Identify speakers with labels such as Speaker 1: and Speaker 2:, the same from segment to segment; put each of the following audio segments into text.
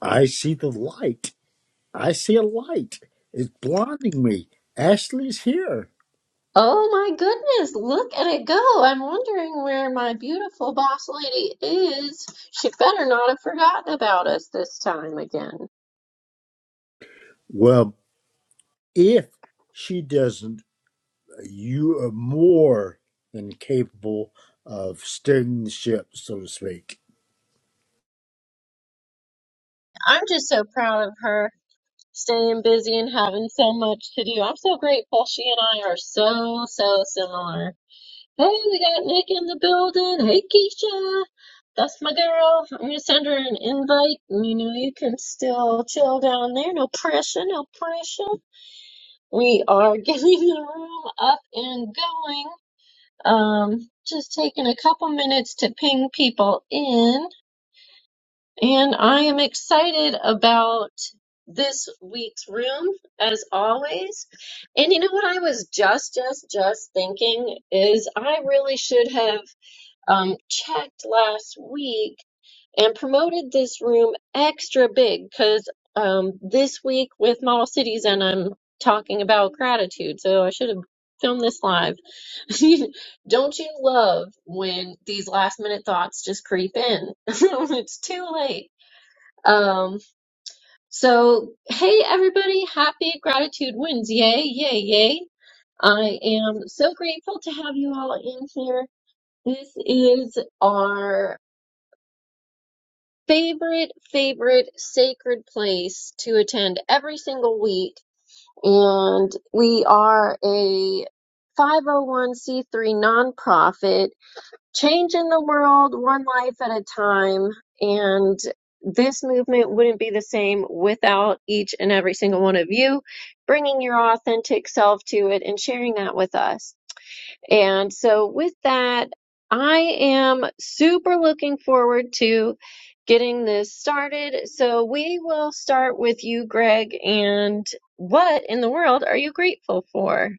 Speaker 1: I see the light. I see a light. It's blinding me. Ashley's here.
Speaker 2: Oh my goodness, look at it go. I'm wondering where my beautiful boss lady is. She better not have forgotten about us this time again.
Speaker 1: Well, if she doesn't, you are more than capable of steering the ship, so to speak.
Speaker 2: I'm just so proud of her staying busy and having so much to do. I'm so grateful she and I are so, so similar. Hey, we got Nick in the building. Hey, Keisha. That's my girl. I'm gonna send her an invite. You know, you can still chill down there. No pressure, no pressure. We are getting the room up and going. Um, just taking a couple minutes to ping people in. And I am excited about this week's room, as always. And you know what I was just, just, just thinking is I really should have um, checked last week and promoted this room extra big because um, this week with Model Cities, and I'm talking about gratitude, so I should have filmed this live. Don't you love when these last minute thoughts just creep in? it's too late. Um, so, hey everybody, happy gratitude wins. Yay, yay, yay. I am so grateful to have you all in here. This is our favorite, favorite sacred place to attend every single week. And we are a 501c3 nonprofit, changing the world one life at a time. And this movement wouldn't be the same without each and every single one of you bringing your authentic self to it and sharing that with us. And so, with that, I am super looking forward to getting this started. So, we will start with you, Greg. And what in the world are you grateful for?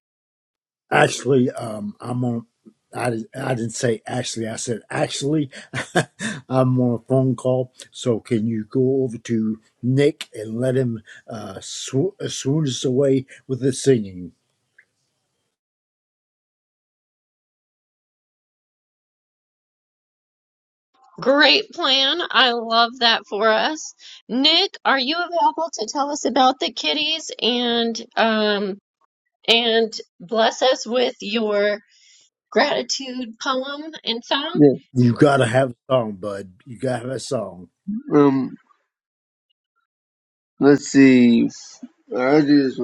Speaker 1: Actually, um, I'm on. I, di- I didn't say actually. I said actually. I'm on a phone call. So can you go over to Nick and let him uh, sw- uh, swoon us away with the singing?
Speaker 2: Great plan. I love that for us. Nick, are you available to tell us about the kitties and um and bless us with your gratitude poem and song?
Speaker 3: Yeah.
Speaker 1: You gotta have a song, bud. You gotta have a song.
Speaker 3: Um. Let's see. I do just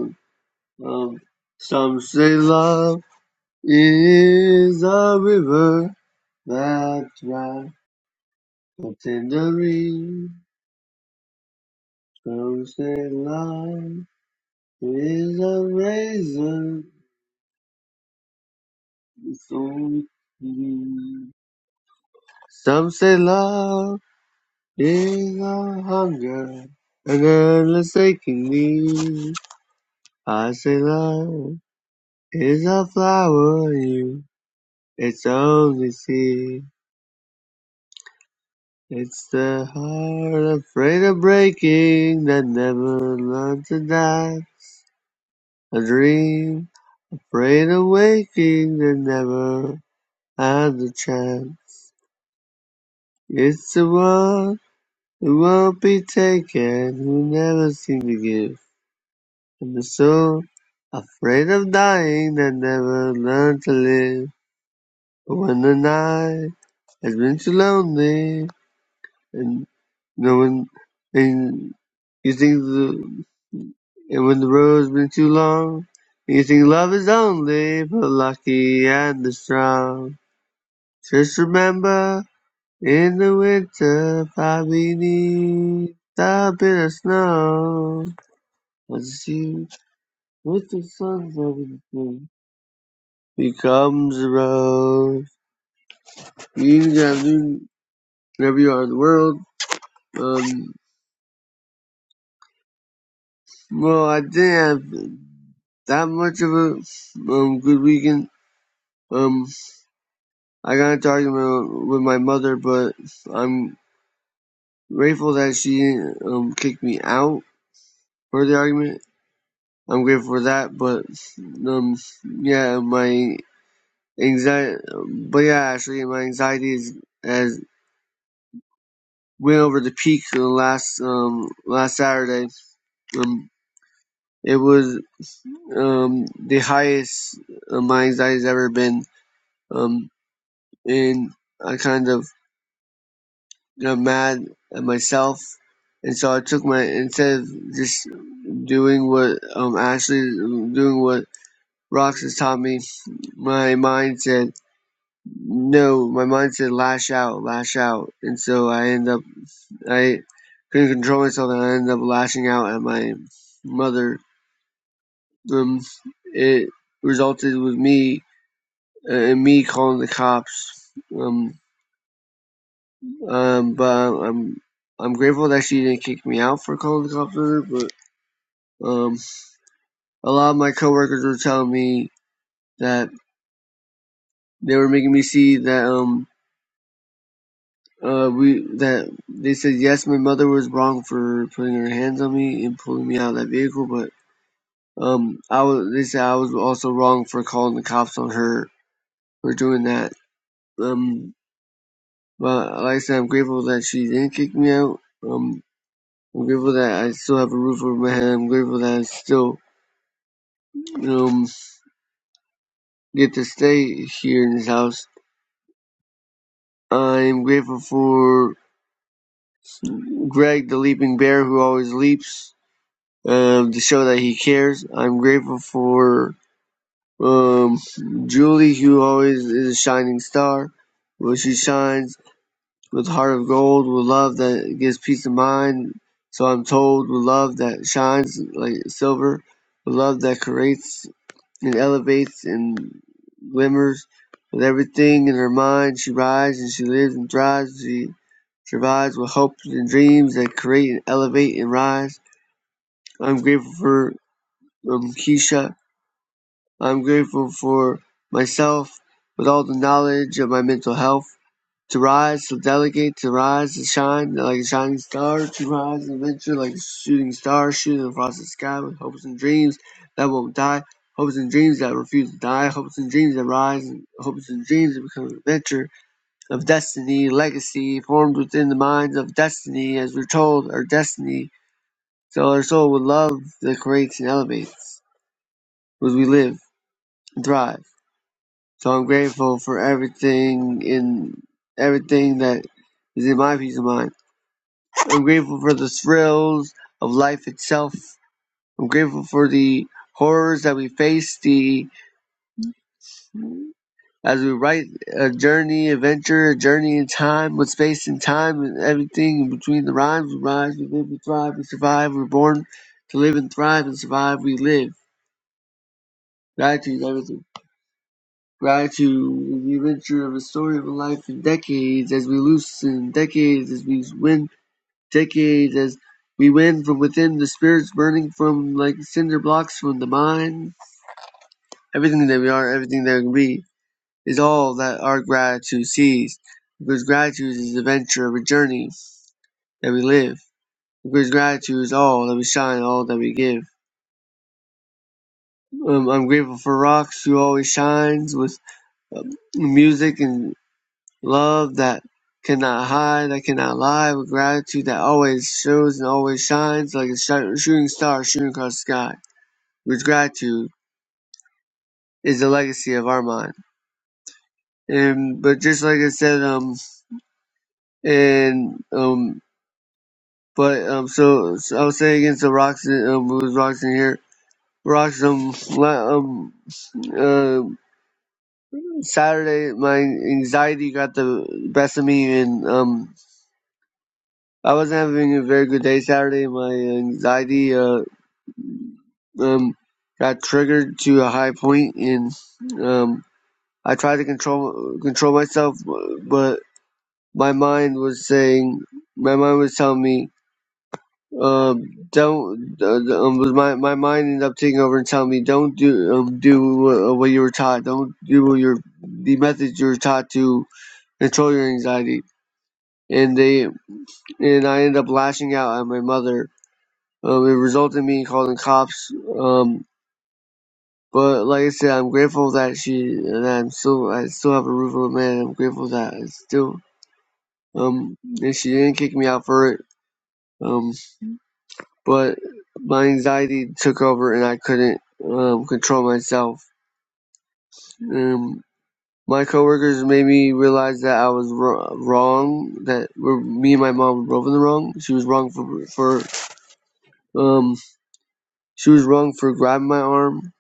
Speaker 3: um. Some say love is a river that dries but tenderine. Some say love is a razor so keen. Some say love is a hunger and unless aching me. I say love is a flower you It's only sea. It's the heart afraid of breaking that never learned to die. A dream afraid of waking that never had the chance. It's the one who won't be taken, who never seemed to give. And the soul afraid of dying that never learned to live. But when the night has been too lonely, and. You know, when and you think the and when the road's been too long, and you think love is only for the lucky and the strong. Just remember, in the winter, probably needs a bit of snow. As you with the sun's everything becomes a road. You can do whatever you are in the world. Um, Well, I didn't have that much of a um, good weekend. Um, I got into argument with my mother, but I'm grateful that she um, kicked me out for the argument. I'm grateful for that, but um, yeah, my anxiety, but yeah, actually, my anxiety is, has went over the peak the last um last Saturday. Um, it was um the highest uh, my anxiety's ever been. Um. and I kind of got mad at myself, and so I took my instead of just doing what um Ashley doing what Rox has taught me. My mind said no. My mind said lash out, lash out, and so I end up I couldn't control myself, and I ended up lashing out at my mother. Um, it resulted with me uh, and me calling the cops. Um, Um, but I'm I'm grateful that she didn't kick me out for calling the cops on her. But um, a lot of my coworkers were telling me that they were making me see that um uh we that they said yes, my mother was wrong for putting her hands on me and pulling me out of that vehicle, but um I was they said I was also wrong for calling the cops on her for doing that. Um, but like I said, I'm grateful that she didn't kick me out. Um, I'm grateful that I still have a roof over my head. I'm grateful that I still, you know. get to stay here in his house. I'm grateful for Greg, the leaping bear who always leaps, um, to show that he cares. I'm grateful for um, Julie, who always is a shining star, Well, she shines with heart of gold, with love that gives peace of mind. So I'm told with love that shines like silver, with love that creates and elevates and glimmers with everything in her mind. She rises and she lives and thrives. She survives with hopes and dreams that create and elevate and rise. I'm grateful for um, Keisha. I'm grateful for myself with all the knowledge of my mental health. To rise, to delegate, to rise, to shine like a shining star, to rise and venture like a shooting star, shooting across the sky with hopes and dreams that won't die, hopes and dreams that refuse to die, hopes and dreams that rise, and hopes and dreams that become an adventure of destiny, legacy formed within the minds of destiny, as we're told, our destiny, so our soul with love that creates and elevates, as we live and thrive. So I'm grateful for everything in everything that is in my peace of mind. I'm grateful for the thrills of life itself. I'm grateful for the horrors that we face. The as we write a journey, adventure, a journey in time with space and time and everything in between the rhymes. We rise, we live, we thrive, we survive. We're born to live and thrive and survive. We live. Gratitude, everything. Gratitude, the adventure of a story of a life in decades as we loosen, decades as we win Decades as we win from within the spirits burning from like cinder blocks from the mine. Everything that we are, everything that we be, is all that our gratitude sees. Because gratitude is the venture of a journey that we live. Because gratitude is all that we shine, all that we give. Um, I'm grateful for Rocks, who always shines with um, music and love that cannot hide, that cannot lie, with gratitude that always shows and always shines like a shi- shooting star shooting across the sky. with gratitude is the legacy of Armand. And but just like I said, um, and um, but um, so, so I was saying against the rocks. Um, it was rocks here. Rocks. Um, um, uh, Saturday, my anxiety got the best of me, and um, I wasn't having a very good day Saturday. My anxiety uh um got triggered to a high point, and um, I tried to control control myself, but my mind was saying, my mind was telling me, um, don't. Uh, um, was my my mind ended up taking over and telling me, don't do um, do uh, what you were taught. Don't do what your the methods you were taught to control your anxiety. And they and I ended up lashing out at my mother. Um, it resulted in me calling cops. Um, but like I said, I'm grateful that she and I'm still I still have a roof over my head. I'm grateful that I still um and she didn't kick me out for it. Um. but my anxiety took over and I couldn't um, control myself. Um, my coworkers made me realize that I was wr- wrong, that we're, me and my mom were both in the wrong. She was wrong for, for um, she was wrong for grabbing my arm.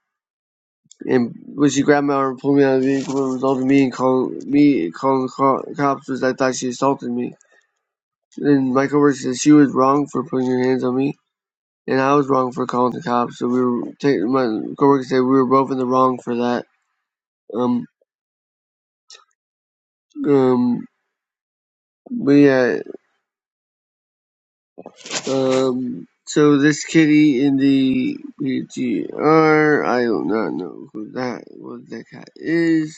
Speaker 3: And when she grabbed my arm and pulled me out of the vehicle, it resulted in me and call me calling the co- cops because I thought she assaulted me. And my coworker said she was wrong for putting her hands on me and I was wrong for calling the cops. So we were taking my coworker said we were both in the wrong for that. Um, um, but yeah, um, so this kitty in the PTR, I do not know who that what that cat is.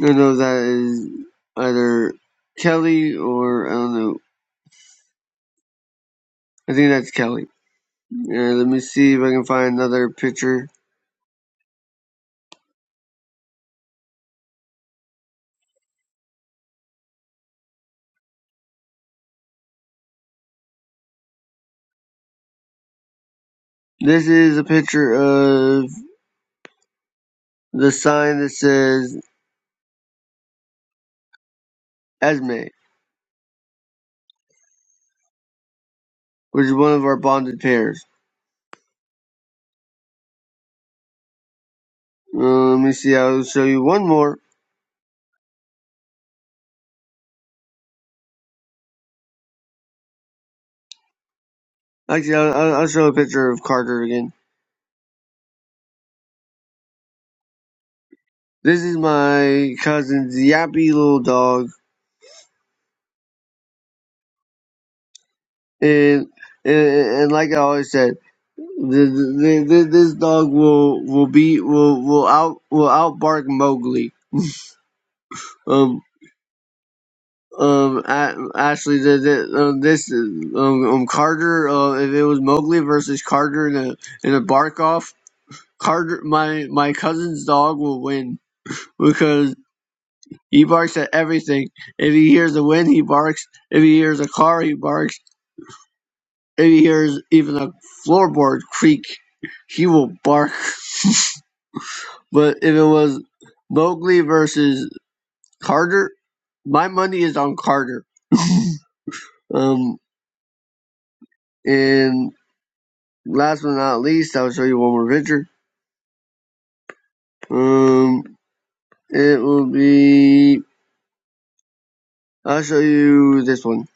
Speaker 3: I don't know if that is either Kelly or I don't know. I think that's Kelly. Yeah, let me see if I can find another picture. This is a picture of the sign that says Esme. which is one of our bonded pairs. Uh, let me see. I'll show you one more. Actually, I'll, I'll show a picture of Carter again. This is my cousin's yappy little dog, and and, and like I always said, th th th this dog will will be will will out will outbark Mowgli. Um. Um, A- Ashley, the, the, um, this um, um Carter. Uh, if it was Mowgli versus Carter in a in a bark off, Carter, my my cousin's dog will win. because he barks at everything. If he hears the wind, he barks. If he hears a car, he barks. If he hears even a floorboard creak, he will bark. But if it was Mowgli versus Carter, my money is on Carter. Um, and last but not least, I'll show you one more picture. Um, it will be. I'll show you this one,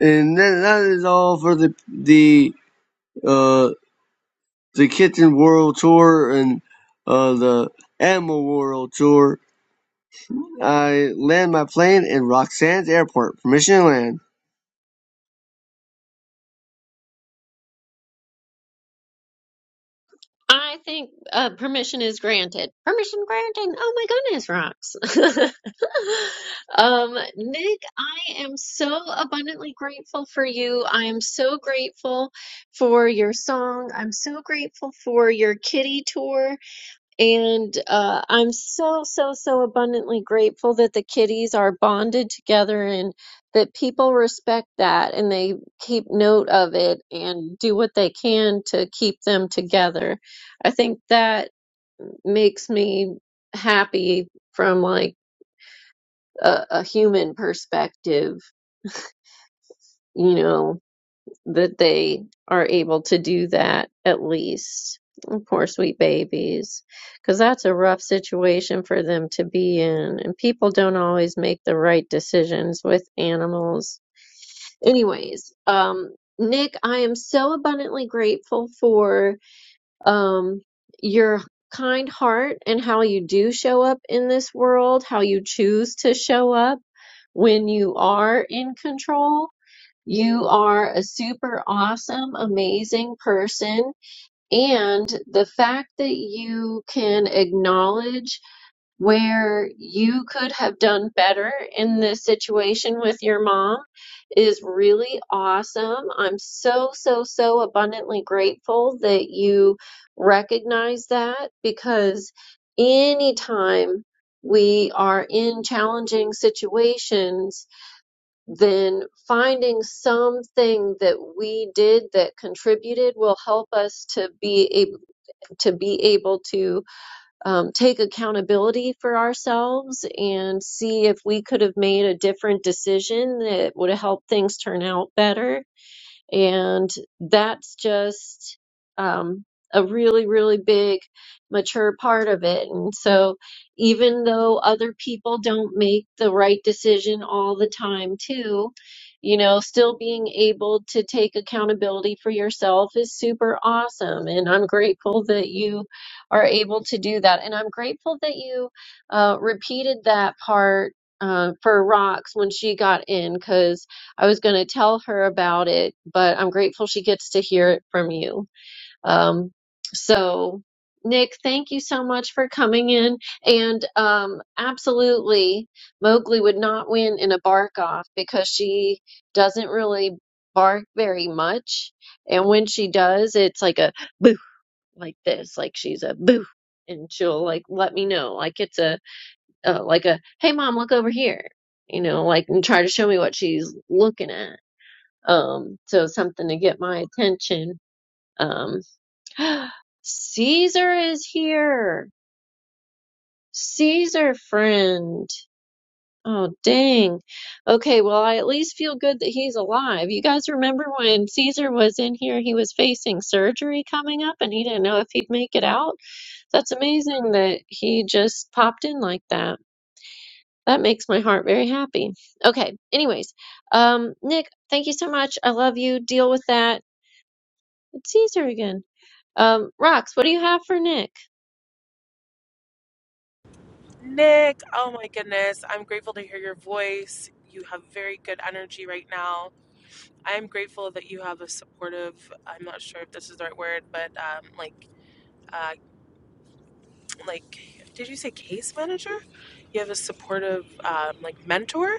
Speaker 3: and then that is all for the the. uh. the Kitten World Tour and uh, the Animal World Tour. I land my plane in Roxanne's airport. Permission to land.
Speaker 2: I think uh, permission is granted. Permission granted. Oh my goodness, rocks. um, Nick, I am so abundantly grateful for you. I am so grateful for your song. I'm so grateful for your kitty tour. And uh, I'm so, so, so abundantly grateful that the kitties are bonded together and that people respect that and they keep note of it and do what they can to keep them together. I think that makes me happy from like a, a human perspective, you know that they are able to do that at least. And Poor sweet babies, because that's a rough situation for them to be in, and people don't always make the right decisions with animals. Anyways, um, Nick, I am so abundantly grateful for um, your kind heart and how you do show up in this world, how you choose to show up when you are in control you are a super awesome, amazing person. And the fact that you can acknowledge where you could have done better in this situation with your mom is really awesome. I'm so, so, so abundantly grateful that you recognize that because anytime we are in challenging situations, then finding something that we did that contributed will help us to be able to be able to um, take accountability for ourselves and see if we could have made a different decision that would have helped things turn out better and that's just um, a really, really big, mature part of it. And so, even though other people don't make the right decision all the time, too, you know, still being able to take accountability for yourself is super awesome. And I'm grateful that you are able to do that. And I'm grateful that you uh, repeated that part uh, for Rox when she got in, because I was going to tell her about it, but I'm grateful she gets to hear it from you. Um, so, Nick, thank you so much for coming in. And um, absolutely, Mowgli would not win in a bark off because she doesn't really bark very much. And when she does, it's like a boo, like this, like she's a boo. And she'll like let me know, like it's a uh, like a hey mom, look over here, you know, like and try to show me what she's looking at um, so something to get my attention. Um, Caesar is here. Caesar friend. Oh, dang. Okay, well, I at least feel good that he's alive. You guys remember when Caesar was in here, he was facing surgery coming up and he didn't know if he'd make it out? That's amazing that he just popped in like that. That makes my heart very happy. Okay, anyways, um, Nick, thank you so much. I love you. Deal with that. It's Caesar again. Um, Rox, what do you have for Nick?
Speaker 4: Nick, oh my goodness. I'm grateful to hear your voice. You have very good energy right now. I am grateful that you have a supportive, I'm not sure if this is the right word, but um, like, uh, like, did you say case manager? You have a supportive, um, like, mentor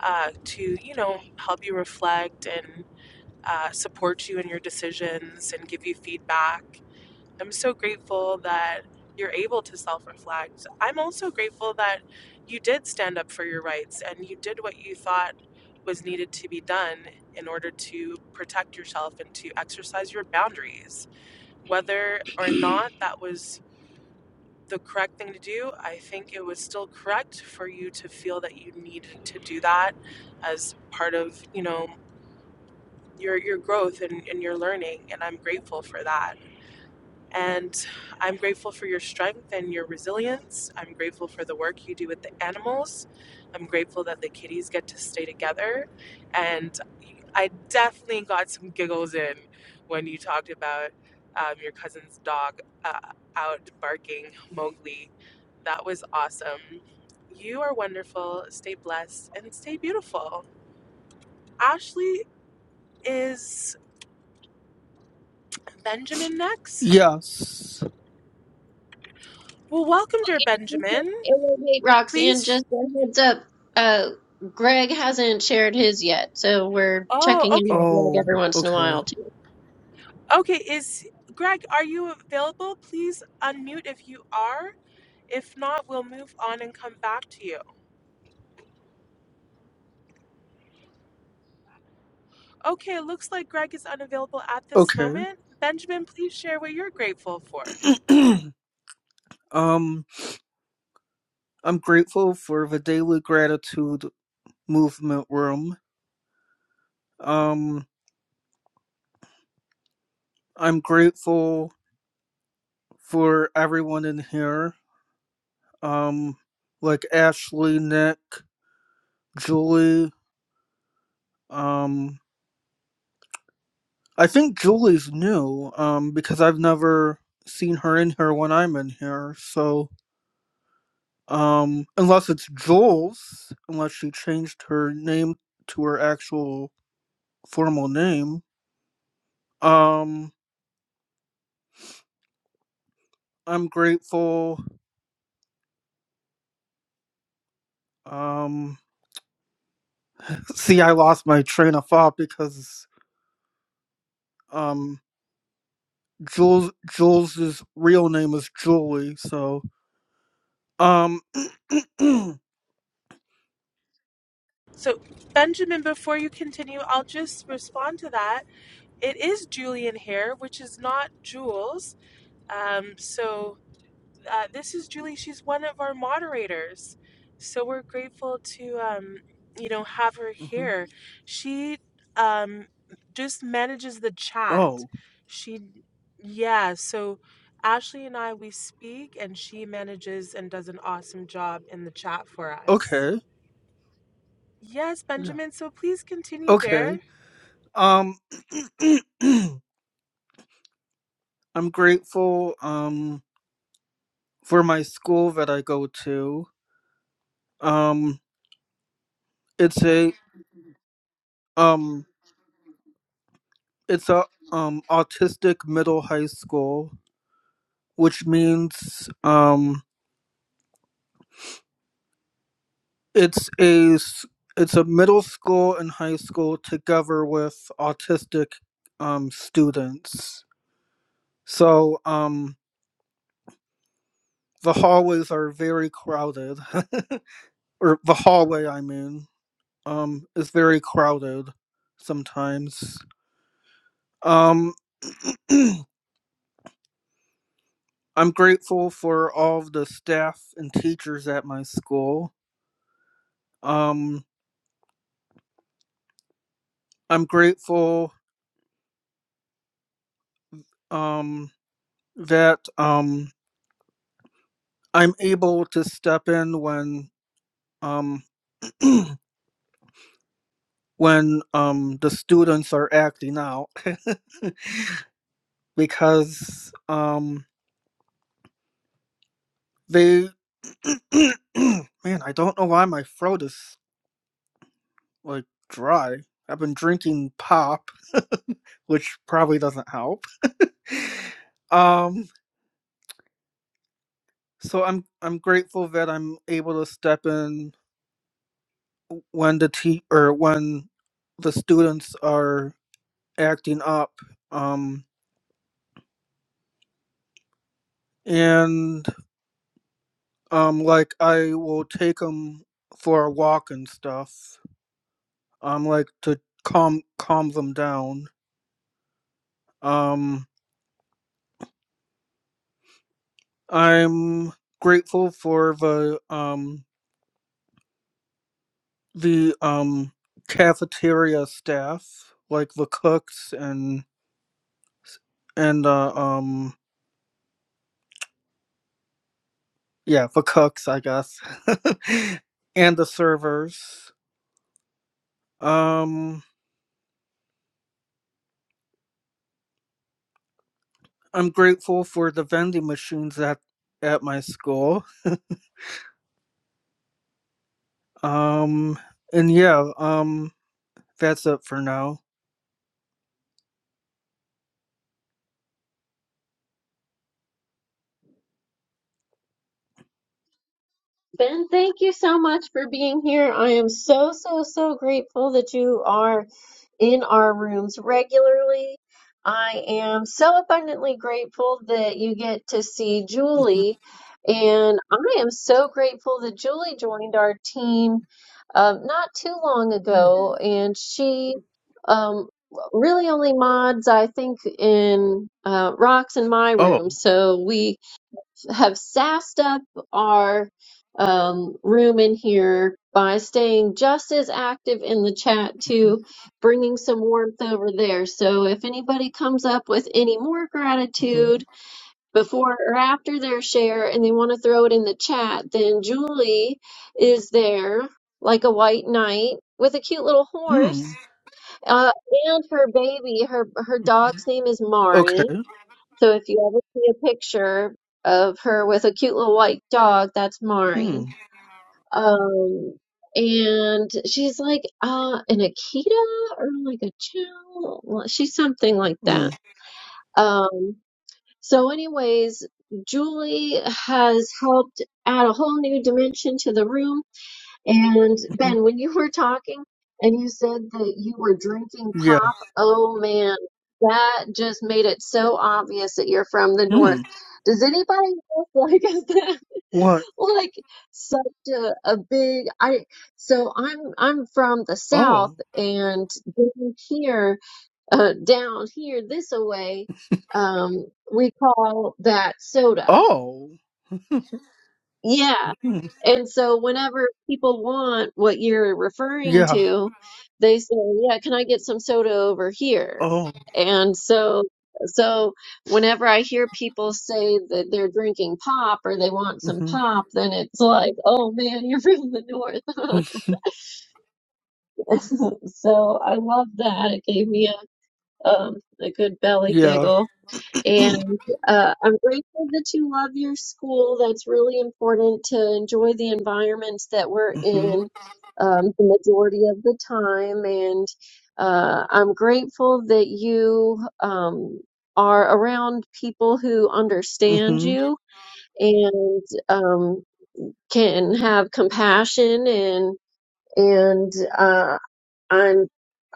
Speaker 4: uh, to, you know, help you reflect and uh, support you in your decisions and give you feedback. I'm so grateful that you're able to self reflect. I'm also grateful that you did stand up for your rights and you did what you thought was needed to be done in order to protect yourself and to exercise your boundaries. Whether or not that was the correct thing to do, I think it was still correct for you to feel that you needed to do that as part of, you know, your your growth and, and your learning and I'm grateful for that. And I'm grateful for your strength and your resilience. I'm grateful for the work you do with the animals. I'm grateful that the kitties get to stay together. And I definitely got some giggles in when you talked about um, your cousin's dog uh, out barking Mowgli. That was awesome. You are wonderful. Stay blessed and stay beautiful. Ashley, is Benjamin next?
Speaker 5: Yes.
Speaker 4: Well, welcome, dear Benjamin.
Speaker 2: Elevate Rox, and
Speaker 4: Please
Speaker 2: just a heads up, uh, Greg hasn't shared his yet, so we're
Speaker 4: Oh,
Speaker 2: checking in
Speaker 4: okay.
Speaker 2: with Greg
Speaker 5: Oh,
Speaker 2: every once in a
Speaker 5: okay.
Speaker 2: while.
Speaker 4: Okay, is Greg, are you available? Please unmute if you are. If not, we'll move on and come back to you. Okay, looks like Greg is unavailable at this
Speaker 5: Okay.
Speaker 4: moment. Benjamin, please share what you're grateful for.
Speaker 5: um, I'm grateful for the Daily Gratitude Movement Room. Um, I'm grateful for everyone in here. Um, like Ashley, Nick, Julie. Um, I think Julie's new, um, because I've never seen her in here when I'm in here. So, Um, unless it's Jules, unless she changed her name to her actual formal name. Um, I'm grateful. Um, see, I lost my train of thought because um, Jules Jules's real name is Julie. So, um, mhm.
Speaker 4: So, Benjamin, before you continue, I'll just respond to that. It is Julian here, which is not Jules. Um, so Uh, this is Julie. She's one of our moderators. So we're grateful to, um, you know, have her here. She um, just manages the chat.
Speaker 5: oh,
Speaker 4: She, yeah. So Ashley and I, we speak, and she manages and does an awesome job in the chat for us.
Speaker 5: okay,
Speaker 4: Yes,
Speaker 5: yeah,
Speaker 4: Benjamin. So please continue, dear.
Speaker 5: okay. Um, I'm grateful. Um, for my school that I go to. Um, It's a um it's a um autistic middle high school, which means um it's a s- it's a middle school and high school together with autistic um students. So um the hallways are very crowded. or the hallway I mean, um is very crowded sometimes. Um I'm grateful for all of the staff and teachers at my school. Um, I'm grateful um, that um, I'm able to step in when um, when um, the students are acting out because um, they man, I don't know why my throat is like dry. I've been drinking pop, which probably doesn't help. Um, so I'm I'm grateful that I'm able to step in when the te- or when the students are acting up um and um like i will take them for a walk and stuff um like to calm calm them down um i'm grateful for the um the um cafeteria staff like the cooks and and uh, um yeah the cooks i guess and the servers Um, I'm grateful for the vending machines at at my school. Um, and yeah, um, that's it for now.
Speaker 2: Ben, thank you so much for being here. I am so, so, so grateful that you are in our rooms regularly. I am so abundantly grateful that you get to see
Speaker 5: Mhm.
Speaker 2: Julie. And I am so grateful that Julie joined our team um, not too long
Speaker 5: Mm.
Speaker 2: ago. And she um, really only mods, I think, in uh, Rocks in my
Speaker 5: Oh.
Speaker 2: room. So we have sassed up our um, room in here by staying just as active in the chat too, bringing some warmth over there. So if anybody comes up with any more
Speaker 5: hmm
Speaker 2: gratitude before or after their share and they want to throw it in the chat, then Julie is there like a white knight with a cute little
Speaker 5: Hmm.
Speaker 2: horse uh, and her baby. Her her dog's name is Mari
Speaker 5: Okay.
Speaker 2: so if you ever see a picture of her with a cute little white dog, that's
Speaker 5: Hmm.
Speaker 2: Mari. Um, and she's like uh an Akita or like a Chow. Well, She's something like
Speaker 5: Hmm.
Speaker 2: that. Um, so anyways, Julie has helped add a whole new dimension to the room and
Speaker 5: Mhm.
Speaker 2: Ben, when you were talking and you said that you were drinking
Speaker 5: Yeah.
Speaker 2: pop, oh man, that just made it so obvious that you're from the north.
Speaker 5: Hmm.
Speaker 2: Does anybody look like us that
Speaker 5: What?
Speaker 2: like such a, a big I so I'm I'm from the south
Speaker 5: Oh.
Speaker 2: and down here uh down here this away um we call that soda.
Speaker 5: Oh. Hmm.
Speaker 2: Yeah.
Speaker 5: Hmm.
Speaker 2: And so whenever people want what you're referring
Speaker 5: Yeah.
Speaker 2: to, they say, "Yeah, can I get some soda over here?"
Speaker 5: Oh.
Speaker 2: And so so whenever I hear people say that they're drinking pop or they want some
Speaker 5: Mm-hmm.
Speaker 2: pop, then it's like, "Oh man, you're from the north."
Speaker 5: hmm
Speaker 2: So I love that. It gave me a um a good belly
Speaker 5: Yeah.
Speaker 2: giggle. And uh, I'm grateful that you love your school. That's really important to enjoy the environments that we're
Speaker 5: hmm
Speaker 2: in um, the majority of the time. And uh, I'm grateful that you um, are around people who understand
Speaker 5: hmm
Speaker 2: you and um, can have compassion and and uh, I'm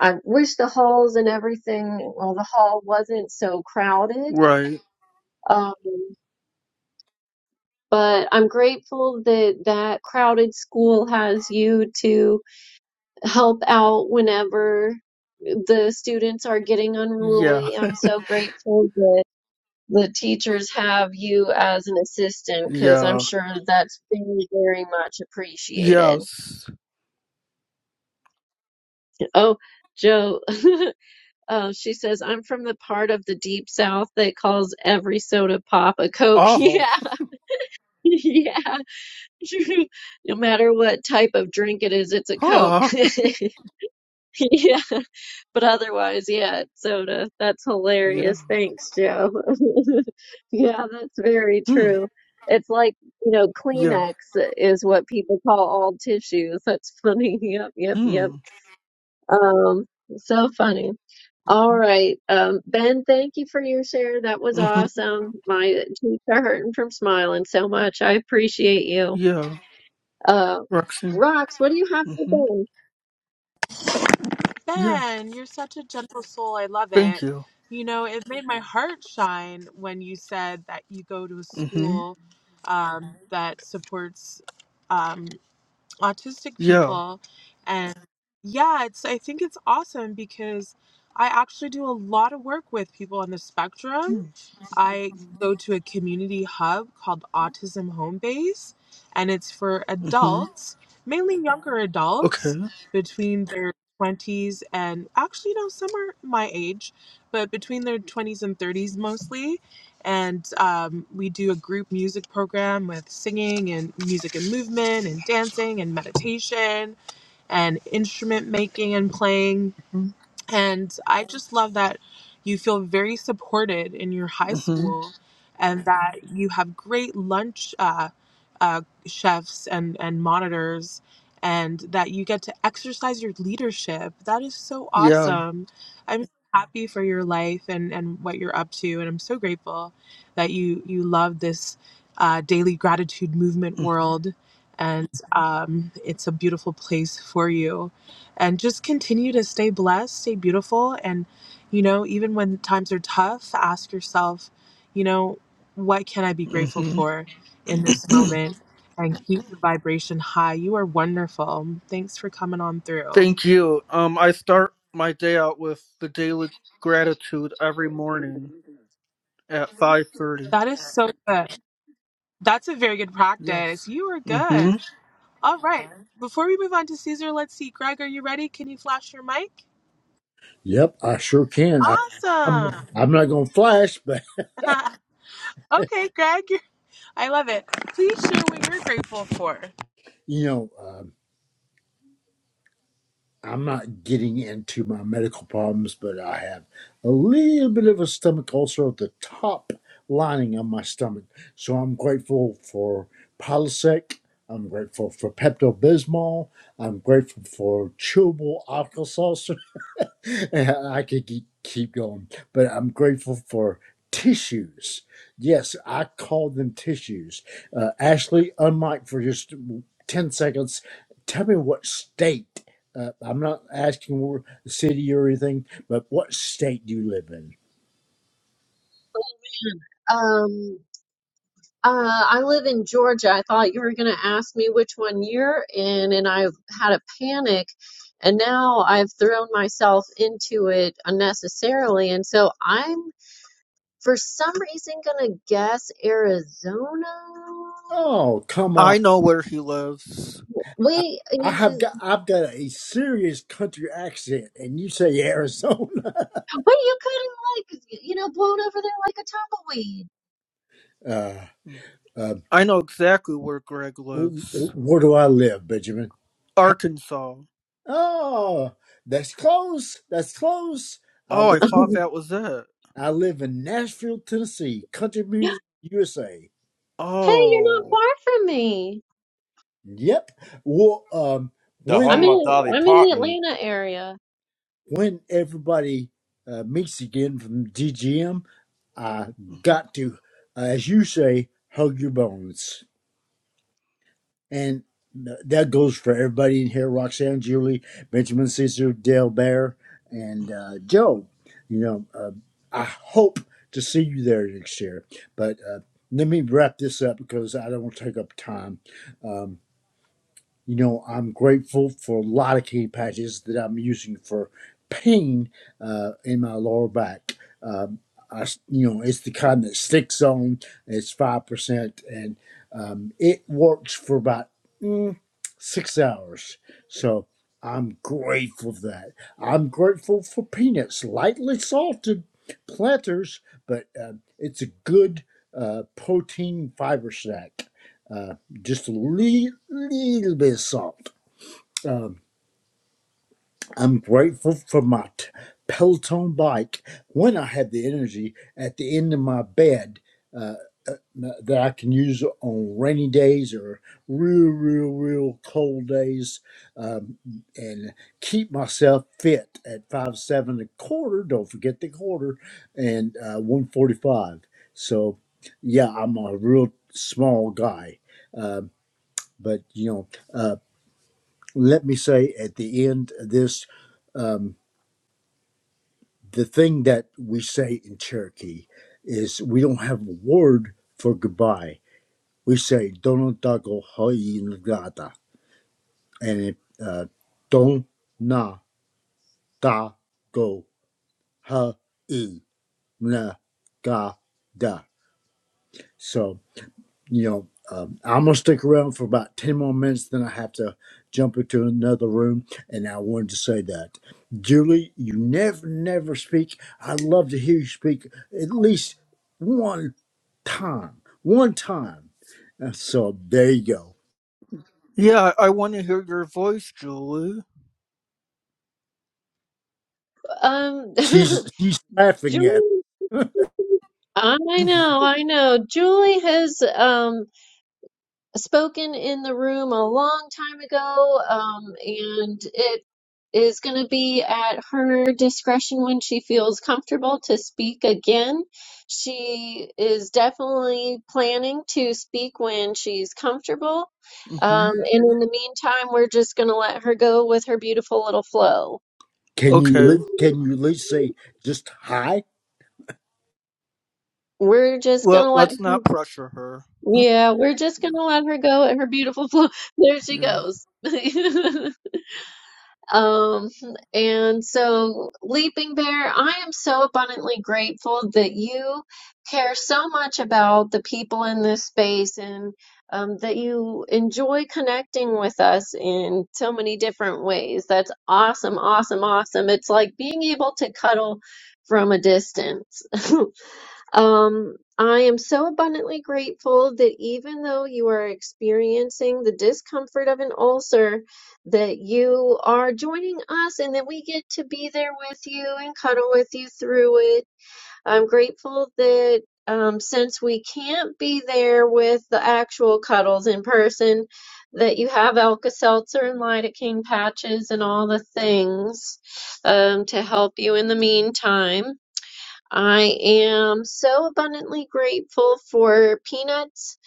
Speaker 2: I wish the halls and everything, well, the hall wasn't so crowded.
Speaker 5: Right.
Speaker 2: Um, but I'm grateful that that crowded school has you to help out whenever the students are getting
Speaker 5: Yeah.
Speaker 2: unruly. I'm so grateful that the teachers have you as an assistant because I'm
Speaker 5: Yeah.
Speaker 2: sure that's very, very much appreciated.
Speaker 5: Yes.
Speaker 2: Oh, Joe, uh, she says, I'm from the part of the deep south that calls every soda pop a Coke.
Speaker 5: Oh.
Speaker 2: Yeah, yeah. No matter what type of drink it is, it's a Coke.
Speaker 5: Huh.
Speaker 2: Yeah. But otherwise, yeah, it's soda. That's
Speaker 5: Yeah.
Speaker 2: hilarious. Thanks, Joe. Yeah, that's very
Speaker 5: Hmm.
Speaker 2: true. It's like, you know,
Speaker 5: Yeah.
Speaker 2: Kleenex is what people call all tissues. That's funny. Yep, yep, yep.
Speaker 5: Hmm.
Speaker 2: Um, so funny. All right. Um, Ben, thank you for your share. That was
Speaker 5: Mm-hmm.
Speaker 2: awesome. My cheeks are hurting from smiling so much. I appreciate you.
Speaker 5: Yeah.
Speaker 2: Uh,
Speaker 5: Roxanne.
Speaker 2: Rox, what do you have for
Speaker 5: Mm-hmm.
Speaker 2: them?
Speaker 5: Yeah.
Speaker 4: Ben, you're such a gentle soul. I love
Speaker 5: Thank
Speaker 4: it.
Speaker 5: you.
Speaker 4: You know, it made my heart shine when you said that you go to a
Speaker 5: Mm-hmm.
Speaker 4: school um, that supports um, autistic
Speaker 5: Yeah.
Speaker 4: people. And yeah, it's I think it's awesome because I actually do a lot of work with people on the spectrum I go to a community hub called Autism Home Base, and it's for
Speaker 5: Mm-hmm.
Speaker 4: adults, mainly younger
Speaker 5: Okay.
Speaker 4: adults between their 20s and actually, no, some are my age, but between their 20s and 30s mostly. And um, we do a group music program with singing and music and movement and dancing and meditation and instrument making and playing and I just love that you feel very supported in your high
Speaker 5: Mm-hmm.
Speaker 4: school and that you have great lunch uh, uh, chefs and, and monitors and that you get to exercise your leadership. That is so
Speaker 5: Yeah.
Speaker 4: awesome. I'm so happy for your life and, and what you're up to. And I'm so grateful that you, you love this uh, daily gratitude movement world. And um, it's a beautiful place for you and just continue to stay blessed, stay beautiful. And, you know, even when times are tough, ask yourself, you know, what can I be grateful
Speaker 5: Mm-hmm.
Speaker 4: for in this moment? And keep the vibration high. You are wonderful. Thanks for coming on through.
Speaker 5: Thank you. Um, I start my day out with the daily gratitude every morning at five thirty.
Speaker 4: That is so good. That's a very good practice.
Speaker 5: Yes.
Speaker 4: You are good.
Speaker 5: Mm-hmm.
Speaker 4: All right. Before we move on to Caesar, let's see. Greg, are you ready? Can you flash your mic?
Speaker 1: Yep, I sure can. I,
Speaker 4: Awesome.
Speaker 1: I'm I'm not gonna flash, but
Speaker 4: okay, Greg, you're, I love it. Please share what you're grateful for.
Speaker 1: you know, um, I'm not getting into my medical problems, but I have a little bit of a stomach ulcer at the top lining of my stomach. So I'm grateful for Prilosec. I'm grateful for Pepto Bismol. I'm grateful for chewable alka I could keep, keep going, but I'm grateful for tissues. Yes, I call them tissues. Uh, Ashley, unmike for just 10 seconds, tell me what state. Uh, I'm not asking where the city or anything, but what state do you live in?
Speaker 2: Um, uh, I live in Georgia. I thought you were going to ask me which one you're in, and I've had a panic, and now I've thrown myself into it unnecessarily. And so I'm, for some reason, going to guess Arizona.
Speaker 1: Oh, come on.
Speaker 5: I know where he lives.
Speaker 1: I
Speaker 2: Wait,
Speaker 1: I
Speaker 2: is
Speaker 1: have
Speaker 2: it?
Speaker 1: got I've got a serious country accent, and you say Arizona.
Speaker 2: Wait, you could have, like, you know, blown over there like a
Speaker 1: Uh, uh,
Speaker 5: I know exactly where Greg
Speaker 1: wh-
Speaker 5: lives.
Speaker 1: wh- where do I live, Benjamin?
Speaker 5: Arkansas.
Speaker 1: Oh, that's close. That's close. I
Speaker 5: Oh, I
Speaker 1: live.
Speaker 5: thought
Speaker 2: tumbleweed.
Speaker 5: that was it.
Speaker 1: I live in Nashville, Tennessee. Country music USA.
Speaker 2: Hey, you're not
Speaker 5: Oh.
Speaker 2: far from me.
Speaker 1: Yep. Well, um,
Speaker 6: the
Speaker 2: I'm
Speaker 1: when
Speaker 6: home of
Speaker 2: in
Speaker 6: Dolly
Speaker 2: I'm in the
Speaker 6: Parton.
Speaker 2: Atlanta area.
Speaker 1: when everybody uh, meets again from DGM, I
Speaker 5: Mhm.
Speaker 1: got to, uh, as you say, hug your bones. And that goes for everybody in here Roxanne, Julie, Benjamin, Caesar, Dale Bear, and uh, Joe. You know, uh, I hope to see you there next year. But uh, let me wrap this up because I don't want to take up time. Um, you know, I'm grateful for a lot of cane patches that I'm using for pain uh, in my lower back. Um, I s you know, it's the kind that sticks on. It's five percent, and um, it works for about mm, six hours. So I'm grateful for that. I'm grateful for peanuts, lightly salted planters, but um it's a good uh, protein fiber snack. Uh, just a little, little bit of salt. Um, I'm grateful for my t- Peloton bike when I have the energy at the end of my bed uh, uh, that I can use on rainy days or real, real, real cold days um, and keep myself fit at five seven a quarter. Don't forget the quarter and uh, 145. So, yeah, I'm a real small guy. Um but you know, Uh, let me say at the end of this um, the thing that we say in Cherokee is we don't have a word for goodbye. We say "Dono go hoi ngata," and it uh, "Don na da go ha i na ga da." So you know, um, I'm gonna stick around for about ten more minutes. Then I have to jump into another room, and I wanted to say that, Julie, you never, never speak. I'd love to hear you speak at least one time, one time. And so there you go.
Speaker 5: Yeah, I want to hear your voice, Julie.
Speaker 2: Um,
Speaker 1: She's she's laughing at. It.
Speaker 2: Julie, I know, I know. Julie has um spoken in the room a long time ago, um, and it is going to be at her discretion when she feels comfortable to speak again. She is definitely planning to speak when she's comfortable.
Speaker 5: hmm
Speaker 2: Um, and in the meantime, we're just going to let her go with her beautiful little flow.
Speaker 1: Can you li-
Speaker 5: Okay.
Speaker 1: can you at least say just hi?
Speaker 2: We're just going
Speaker 5: Well,
Speaker 2: to let
Speaker 5: let's
Speaker 2: her.
Speaker 5: not pressure her.
Speaker 2: Yeah, we're just
Speaker 5: yeah.
Speaker 2: gonna let her go at her beautiful flow. There she
Speaker 5: yeah.
Speaker 2: goes. Um, and so, Leaping Bear, I am so abundantly grateful that you care so much about the people in this space and um, that you enjoy connecting with us in so many different ways. That's awesome, awesome, awesome. It's like being able to cuddle from a distance. Um, I am so abundantly grateful that even though you are experiencing the discomfort of an ulcer, that you are joining us and that we get to be there with you and cuddle with you through it. I'm grateful that um, since we can't be there with the actual cuddles in person, that you have Alka-Seltzer and lidocaine patches and all the things um, to help you in the meantime. I am so abundantly grateful for peanuts.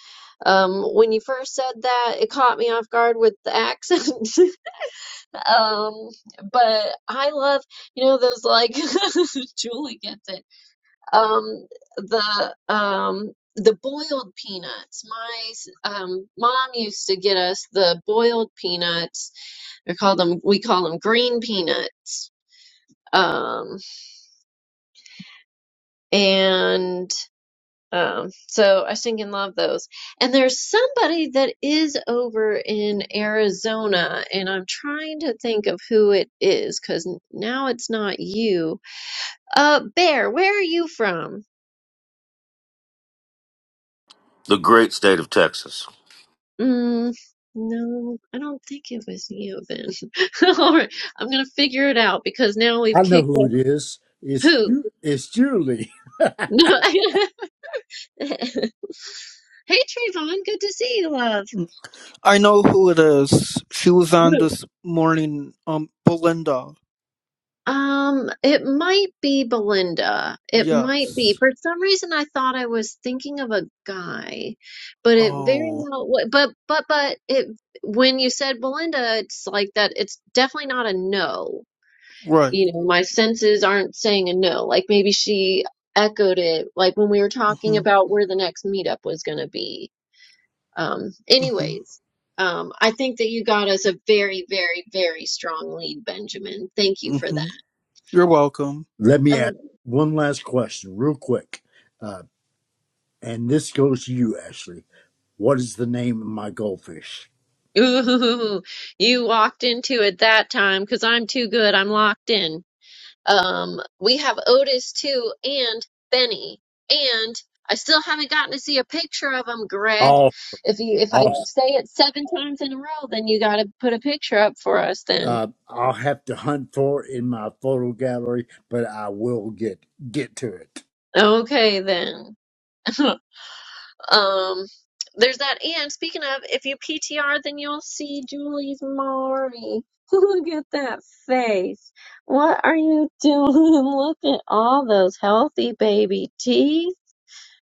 Speaker 2: Um, when you first said that, it caught me off guard with the accent. um, but I love, you know, those like Julie gets it. Um, the um the boiled peanuts. My s- um mom used to get us the boiled peanuts. They call them we call them green peanuts. Um, and Um, so I sink and love those. And there's somebody that is over in Arizona, and I'm trying to think of who it is because now it's not you. Uh, Bear, where are you from?
Speaker 7: The great state of Texas.
Speaker 2: Mm, no, I don't think it was you then. All right, I'm gonna figure it out because now we've
Speaker 1: I know
Speaker 2: kicked that.
Speaker 1: who it is. It's
Speaker 2: Who?
Speaker 1: you. It's Julie.
Speaker 2: No. Hey Trayvon, good to see you, love.
Speaker 5: Mm. I know who it is. She was on this morning. Um, Belinda.
Speaker 2: Um, it might be Belinda. It might be.
Speaker 5: Yes.
Speaker 2: For some reason, I thought I was thinking of a guy, but it very
Speaker 5: Oh,
Speaker 2: well. wa- But but but it when you said Belinda, it's like that. It's definitely not a no.
Speaker 5: right.
Speaker 2: You know, my senses aren't saying a no. Like maybe she echoed it, like when we were talking
Speaker 5: hmm
Speaker 2: about where the next meetup was going to be. Um,
Speaker 5: hmm
Speaker 2: anyways, um, I think that you got us a very very very strong lead, Benjamin. Thank you for
Speaker 5: hmm
Speaker 2: that.
Speaker 5: You're welcome.
Speaker 1: Let me
Speaker 2: Um,
Speaker 1: ask one last question, real quick. Uh, And this goes to you, Ashley. What is the name of my goldfish?
Speaker 2: Ooh, you walked into it that time because I'm too good. I'm locked in. Um, we have Otis too, and Benny, and I still haven't gotten to see a picture of him, Greg.
Speaker 1: Oh,
Speaker 2: If you if I
Speaker 1: awesome.
Speaker 2: say it seven times in a row, then you got to put a picture up for us. Then
Speaker 1: Uh, I'll have to hunt for it in my photo gallery, but I will get get to it.
Speaker 2: okay, then Um, there's that. And speaking of, if you PTR, then you'll see Julie's Maury. Look at that face. What are you doing? Look at all those healthy baby teeth.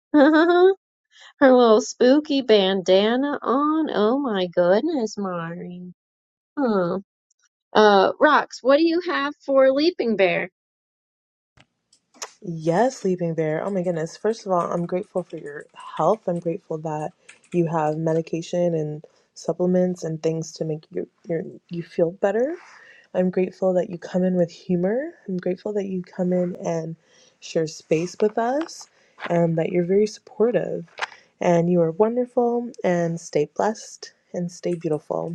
Speaker 2: Her little spooky bandana on. Oh my goodness, Maury. Huh. Uh, Rox, what do you have for Leaping Bear?
Speaker 4: Yes, Leaping Bear. Oh my goodness. First of all, I'm grateful for your health. I'm grateful that you have medication and supplements and things to make you your, you feel better. I'm grateful that you come in with humor. I'm grateful that you come in and share space with us and that you're very supportive. And you are wonderful and stay blessed and stay beautiful.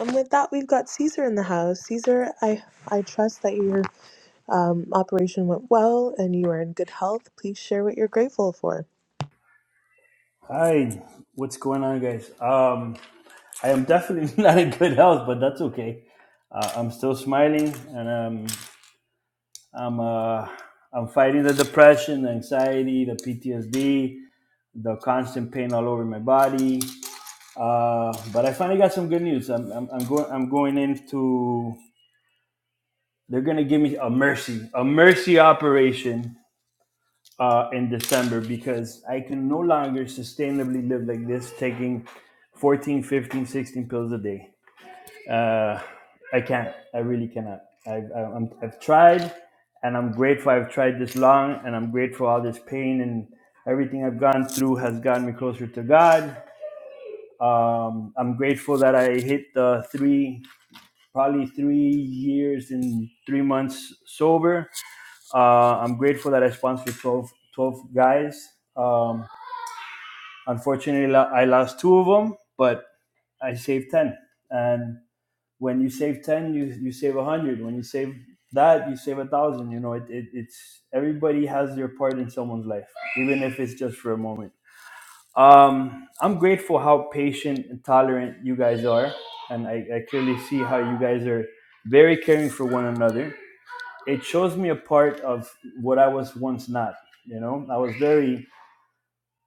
Speaker 4: And with that, we've got Caesar in the house. Caesar, I I trust that you're um, operation went well and you are in good health. Please share what you're grateful for.
Speaker 8: Hi, what's going on, guys? Um, I am definitely not in good health, but that's okay. Uh, I'm still smiling, and um, I'm uh, I'm fighting the depression, the anxiety, the PTSD, the constant pain all over my body. Uh, but I finally got some good news. I'm I'm, I'm going I'm going into they're gonna give me a mercy a mercy operation uh, in December because I can no longer sustainably live like this, taking 14, 15, 16 pills a day. Uh, I can't. I really cannot. I've, I- I'm, I've tried and I'm grateful I've tried this long and I'm grateful all this pain and everything I've gone through has gotten me closer to God. Um, I'm grateful that I hit the three, probably three years and three months sober. Uh, I'm grateful that I sponsored 12, 12 guys. Um, Unfortunately, I lost two of them, but I saved 10. And when you save 10, you, you save 100. When you save that, you save a 1,000. You know, it, it, it's everybody has their part in someone's life, even if it's just for a moment. Um, I'm grateful how patient and tolerant you guys are. And I, I clearly see how you guys are very caring for one another. It shows me a part of what I was once not. You know, I was very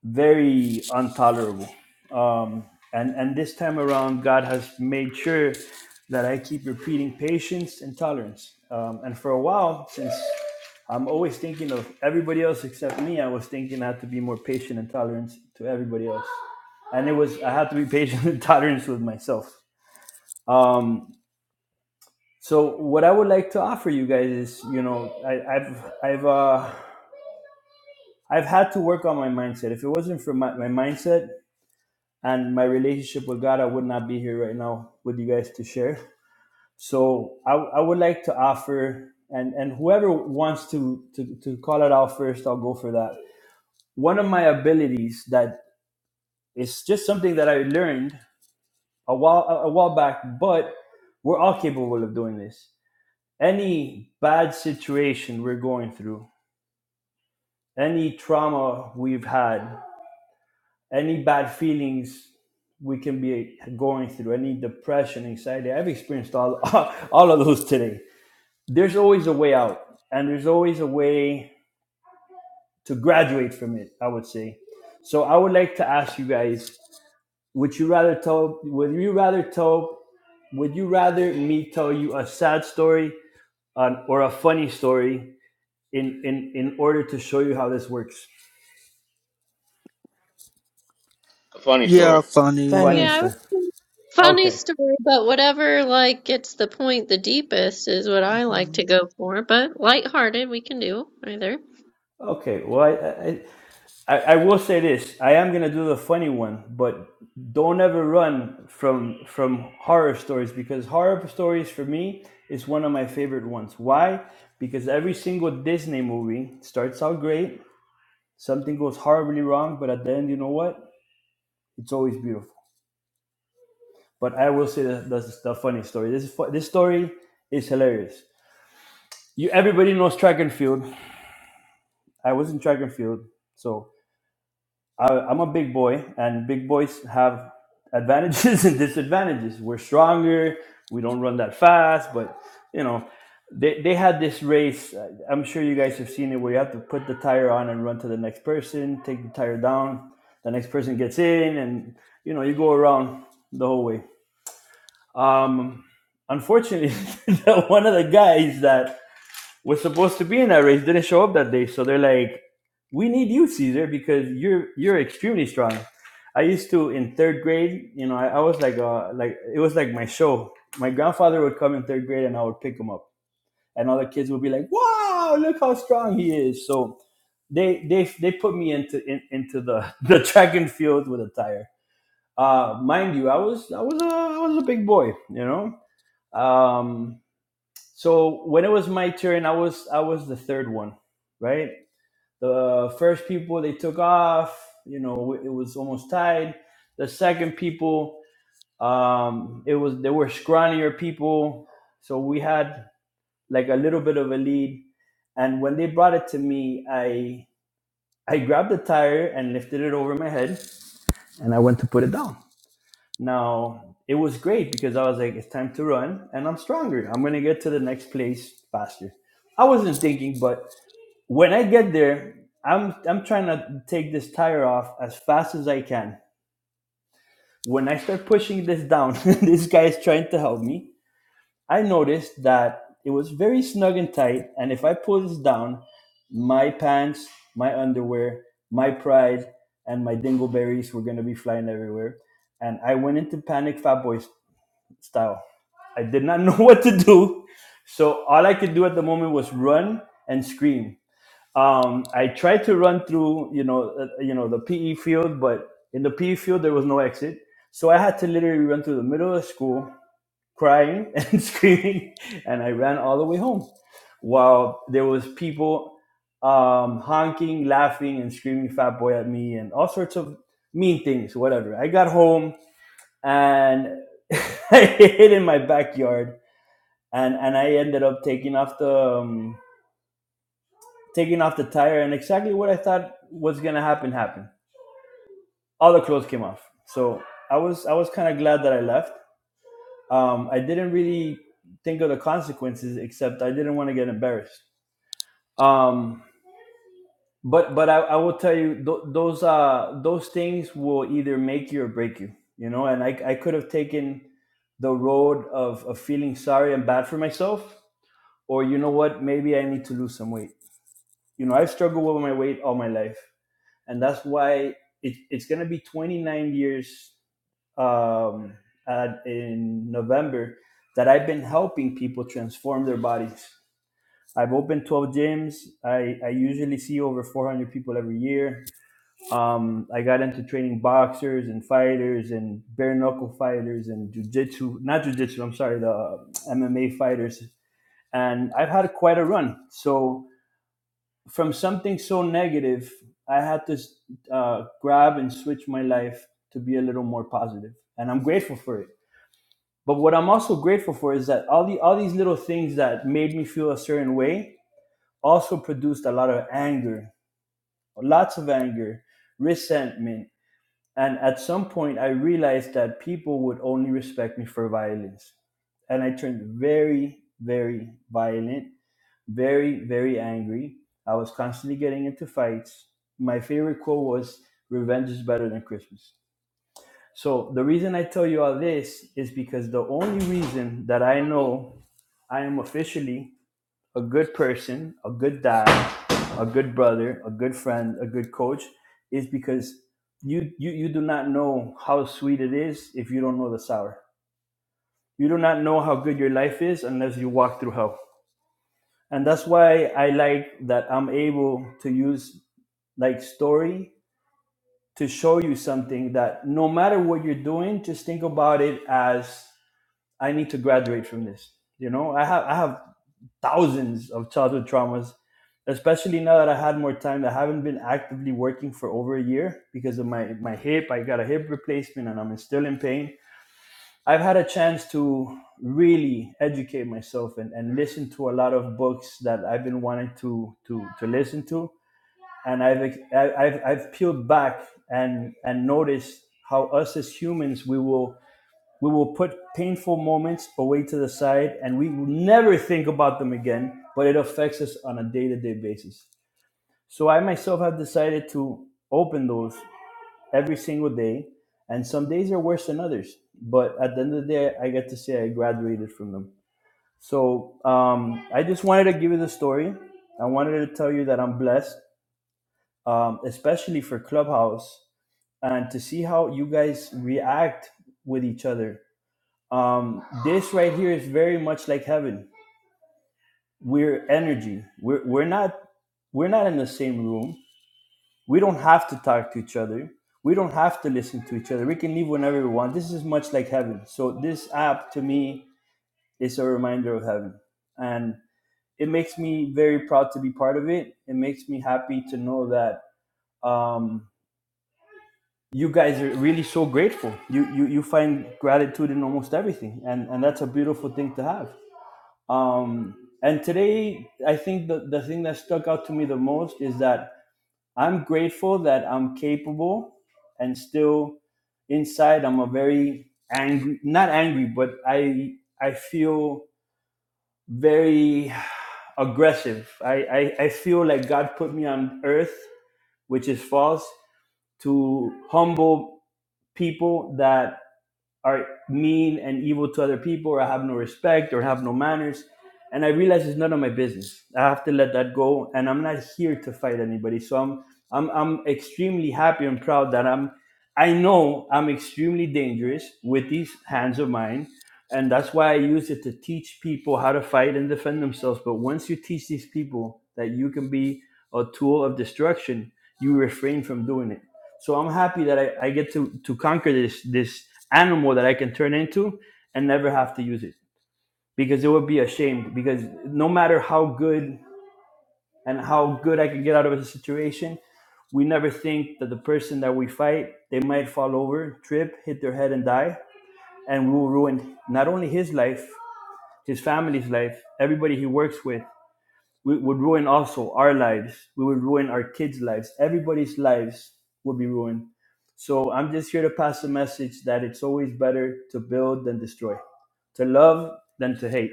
Speaker 8: very intolerable. Um, and and this time around, God has made sure that I keep repeating patience and tolerance. Um, and for a while, since I'm always thinking of everybody else except me, I was thinking I had to be more patient and tolerant to everybody else. And it was I had to be patient and tolerant with myself. Um, so what I would like to offer you guys is, you know, I, I've I've uh, I've had to work on my mindset. If it wasn't for my, my mindset, and my relationship with God, I would not be here right now with you guys to share. So I, I would like to offer, and, and whoever wants to, to, to call it out first, I'll go for that. One of my abilities that is just something that I learned a while, a while back, but we're all capable of doing this. Any bad situation we're going through, any trauma we've had, any bad feelings we can be going through, any depression, anxiety. I've experienced all, all of those today. There's always a way out, and there's always a way to graduate from it, I would say. So I would like to ask you guys, would you rather tell would you rather tell would you rather me tell you a sad story uh, or a funny story in, in in order to show you how this works?
Speaker 5: Yeah, funny.
Speaker 8: Funny
Speaker 4: Funny.
Speaker 2: Yeah.
Speaker 8: story.
Speaker 2: Funny
Speaker 8: Okay.
Speaker 2: story, but whatever like gets the point the deepest is what I like
Speaker 5: Mm-hmm.
Speaker 2: to go for. But lighthearted, we can do either.
Speaker 8: Okay. Well, I, I, I, I will say this. I am gonna do the funny one, but don't ever run from from horror stories because horror stories for me is one of my favorite ones. Why? Because every single Disney movie starts out great, something goes horribly wrong, but at the end, you know what? It's always beautiful. But I will say that that's the funny story. This is fu- this story is hilarious. You everybody knows track and field. I was in track and field, so I, I'm a big boy, and big boys have advantages and disadvantages. We're stronger. We don't run that fast, but you know, they they had this race. uh, I'm sure you guys have seen it, where you have to put the tire on and run to the next person, take the tire down. The next person gets in, and you know, you go around the whole way. Um, unfortunately, one of the guys that was supposed to be in that race didn't show up that day. So they're like, "We need you, Caesar, because you're you're extremely strong." I used to in third grade, you know, I, I was like, uh, like it was like my show. My grandfather would come in third grade, and I would pick him up, and all the kids would be like, "Wow, look how strong he is!" So they they they put me into in, into the the track and field with a tire. Uh, mind you, I was I was a, I was a big boy, you know. Um, so when it was my turn, I was I was the third one, right? The first people they took off, you know, it was almost tied. The second people, um, it was they were scrawnier people, so we had like a little bit of a lead. And when they brought it to me, I I grabbed the tire and lifted it over my head, and I went to put it down. Now it was great because I was like, it's time to run and I'm stronger. I'm gonna get to the next place faster. I wasn't thinking, but when I get there, I'm I'm trying to take this tire off as fast as I can. When I start pushing this down, this guy is trying to help me. I noticed that it was very snug and tight, and if I pull this down, my pants, my underwear, my pride, and my dingleberries were gonna be flying everywhere and I went into panic fat boy style. I did not know what to do. So all I could do at the moment was run and scream. Um, I tried to run through, you know, uh, you know, the PE field, but in the PE field there was no exit. So I had to literally run through the middle of the school, crying and screaming, and I ran all the way home, while there was people um, honking, laughing, and screaming "fat boy" at me and all sorts of mean things. Whatever. I got home and I hid in my backyard, and and I ended up taking off the um, taking off the tire, and exactly what I thought was gonna happen happened. All the clothes came off, so I was I was kind of glad that I left. Um, I didn't really think of the consequences, except I didn't want to get embarrassed. Um, but but I, I will tell you th- those uh those things will either make you or break you, you know. And I I could have taken the road of, of feeling sorry and bad for myself or you know what, maybe I need to lose some weight. You know, I've struggled with my weight all my life, and that's why it, it's going to be 29 years um, at, in November that I've been helping people transform their bodies. I've opened 12 gyms. I, I usually see over 400 people every year. Um, I got into training boxers and fighters and bare knuckle fighters and jujitsu, not jujitsu, I'm sorry, the MMA fighters. And I've had quite a run. So from something so negative, I had to uh, grab and switch my life to be a little more positive, and I'm grateful for it. But what I'm also grateful for is that all the all these little things that made me feel a certain way also produced a lot of anger, lots of anger, resentment, and at some point I realized that people would only respect me for violence, and I turned very, very violent very, very angry. I was constantly getting into fights. My favorite quote was, Revenge is better than Christmas. So the reason I tell you all this is because the only reason that I know I am officially a good person, a good dad, a good brother, a good friend, a good coach is because you, you, you do not know how sweet it is if you don't know the sour. You do not know how good your life is unless you walk through hell and that's why i like that i'm able to use like story to show you something that no matter what you're doing just think about it as i need to graduate from this you know i have i have thousands of childhood traumas especially now that i had more time i haven't been actively working for over a year because of my my hip i got a hip replacement and i'm still in pain I've had a chance to really educate myself and, and listen to a lot of books that I've been wanting to to, to listen to, and I've I- I've I've peeled back and and noticed how us as humans we will we will put painful moments away to the side and we will never think about them again, but it affects us on a day to day basis. So I myself have decided to open those every single day. And some days are worse than others. But at the end of the day, I get to say I graduated from them. So um, I just wanted to give you the story. I wanted to tell you that I'm blessed, um, especially for Clubhouse, and to see how you guys react with each other. Um, this right here is very much like heaven. We're energy. We're, we're not we're not in the same room We don't have to talk to each other. We don't have to listen to each other. We can leave whenever we want. This is much like heaven. So this app to me is a reminder of heaven. And it makes me very proud to be part of it. It makes me happy to know that um, you guys are really so grateful. You, you you find gratitude in almost everything, and and that's a beautiful thing to have. Um, and today, I think the the thing that stuck out to me the most is that I'm grateful that I'm capable and still inside I'm a very angry not angry but I I feel very aggressive. I, I, I feel like God put me on earth, which is false, to humble people that are mean and evil to other people or have no respect or have no manners. And I realize it's none of my business. I have to let that go. And I'm not here to fight anybody. So I'm I'm I'm extremely happy and proud that I'm I know I'm extremely dangerous with these hands of mine. And that's why I use it to teach people how to fight and defend themselves. But once you teach these people that you can be a tool of destruction, you refrain from doing it so i'm happy that i, I get to to conquer this this animal that i can turn into and never have to use it because it would be a shame because no matter how good and how good i can get out of a situation we never think that the person that we fight they might fall over trip hit their head and die and we will ruin not only his life his family's life everybody he works with we would ruin also our lives. We would ruin our kids' lives. Everybody's lives would be ruined. So I'm just here to pass a message that it's always better to build than destroy, to love than to hate.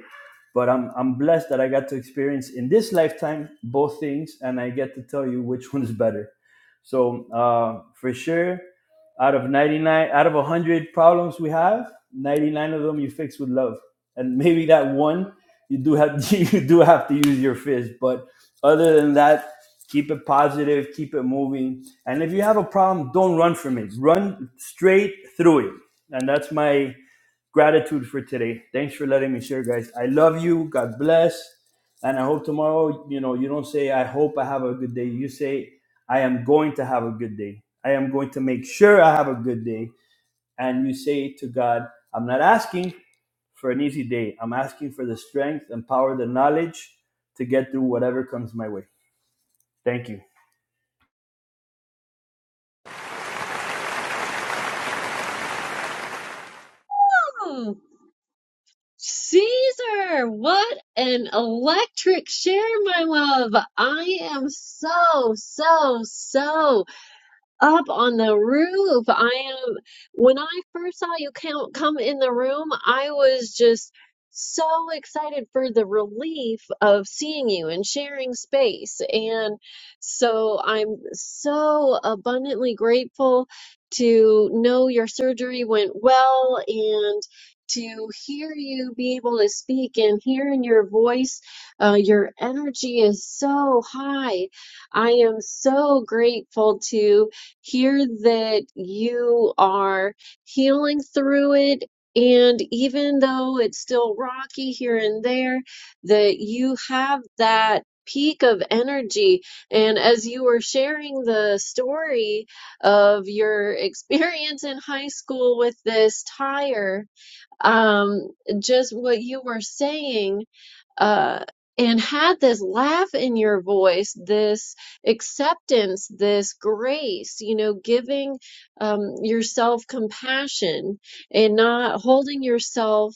Speaker 8: But I'm I'm blessed that I got to experience in this lifetime both things, and I get to tell you which one is better. So uh, for sure, out of 99, out of 100 problems we have, 99 of them you fix with love, and maybe that one you do have you do have to use your fist. But other than that, keep it positive, keep it moving, and if you have a problem, don't run from it. Run straight through it, and that's my gratitude for today. Thanks for letting me share, guys. I love you. God bless. And I hope tomorrow, you know, you don't say, I hope I have a good day. You say, I am going to have a good day. I am going to make sure I have a good day. And you say to God, I'm not asking for an easy day. I'm asking for the strength and power, the knowledge to get through whatever comes my way. Thank you.
Speaker 2: Oh, Caesar, what an electric share, my love. I am so, so, so. up on the roof. I am, when I first saw you count come in the room, I was just so excited for the relief of seeing you and sharing space. And so I'm so abundantly grateful to know your surgery went well and to hear you be able to speak and hearing your voice. Uh, your energy is so high. I am so grateful to hear that you are healing through it. And even though it's still rocky here and there, that you have that peak of energy. And as you were sharing the story of your experience in high school with this tire, um, just what you were saying uh, and had this laugh in your voice, this acceptance, this grace, you know, giving um, yourself compassion and not holding yourself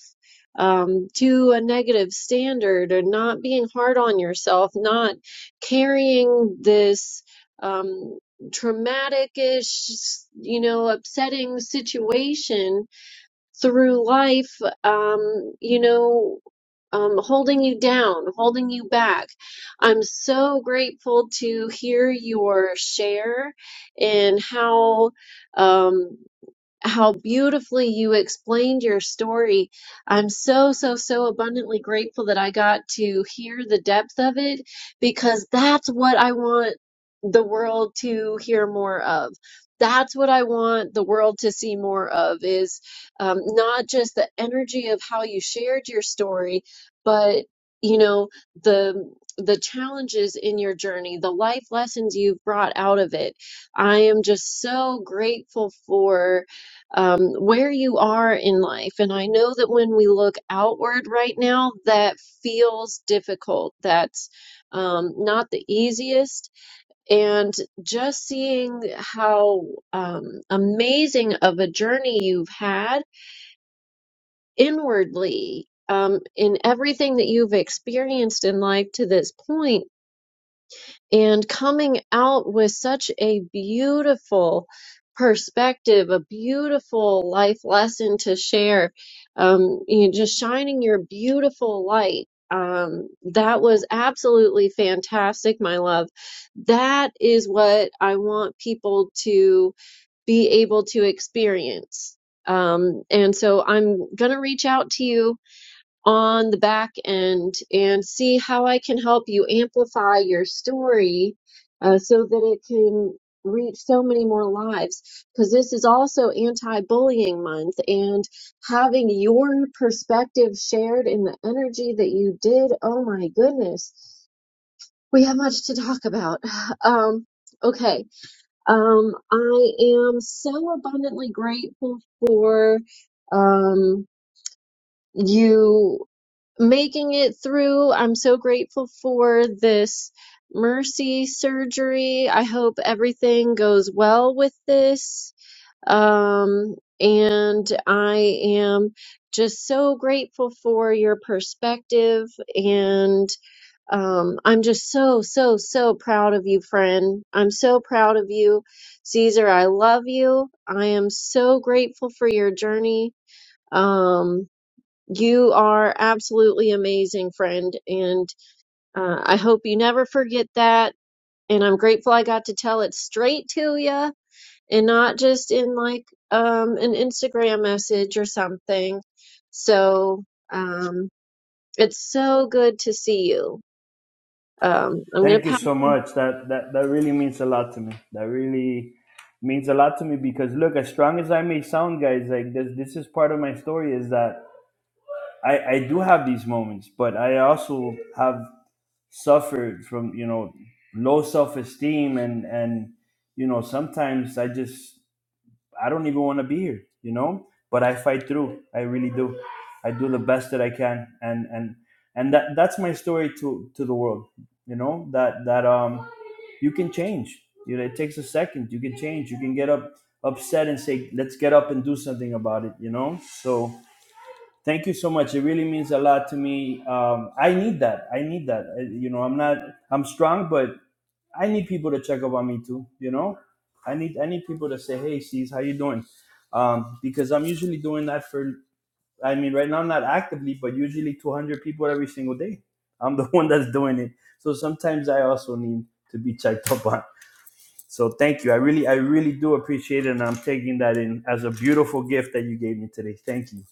Speaker 2: um, to a negative standard or not being hard on yourself, not carrying this um, traumatic-ish, you know, upsetting situation through life, um, you know um, holding you down, holding you back. I'm so grateful to hear your share and how um, how beautifully you explained your story. I'm so, so, so abundantly grateful that I got to hear the depth of it because that's what I want the world to hear more of. That's what I want the world to see more of is um, not just the energy of how you shared your story, but you know the the challenges in your journey, the life lessons you've brought out of it. I am just so grateful for um, where you are in life. And I know that when we look outward right now, that feels difficult. That's um, not the easiest. And just seeing how um, amazing of a journey you've had inwardly um, in everything that you've experienced in life to this point and coming out with such a beautiful perspective, a beautiful life lesson to share, um, you know, just shining your beautiful light. Um, that was absolutely fantastic, my love. That is what I want people to be able to experience. Um, and so I'm gonna reach out to you on the back end and see how I can help you amplify your story uh, so that it can reach so many more lives. Because this is also anti bullying month, and having your perspective shared in the energy that you did, oh my goodness, we have much to talk about. Um, okay, um, I am so abundantly grateful for. Um, you making it through. I'm so grateful for this mercy surgery. I hope everything goes well with this. Um, and I am just so grateful for your perspective. And um, I'm just so, so, so proud of you, friend. I'm so proud of you, Caesar. I love you. I am so grateful for your journey. Um, you are absolutely amazing, friend. And uh, I hope you never forget that. And I'm grateful I got to tell it straight to you and not just in like um, an Instagram message or something. So um, it's so good to see you. Um, I'm going
Speaker 8: Thank
Speaker 2: to
Speaker 8: you so
Speaker 2: pass.
Speaker 8: much. That that that really means a lot to me. That really means a lot to me because look, as strong as I may sound, guys, like this this is part of my story is that I I do have these moments, but I also have suffered from, you know, low self-esteem and and you know, sometimes I just I don't even want to be here, you know. But I fight through. I really do. I do the best that I can, and and and that that's my story to to the world, you know. That that um, you can change. You know, it takes a second. You can change. You can get up upset and say, let's get up and do something about it, you know. So thank you so much. It really means a lot to me. Um, I need that. I need that. I, you know, I'm not. I'm strong, but I need people to check up on me too. You know, I need I need people to say, "Hey, C's, how you doing?" Um, because I'm usually doing that for. I mean, right now I'm not actively, but usually 200 people every single day. I'm the one that's doing it, so sometimes I also need to be checked up on. So thank you. I really, I really do appreciate it, and I'm taking that in as a beautiful gift that you gave me today. Thank you.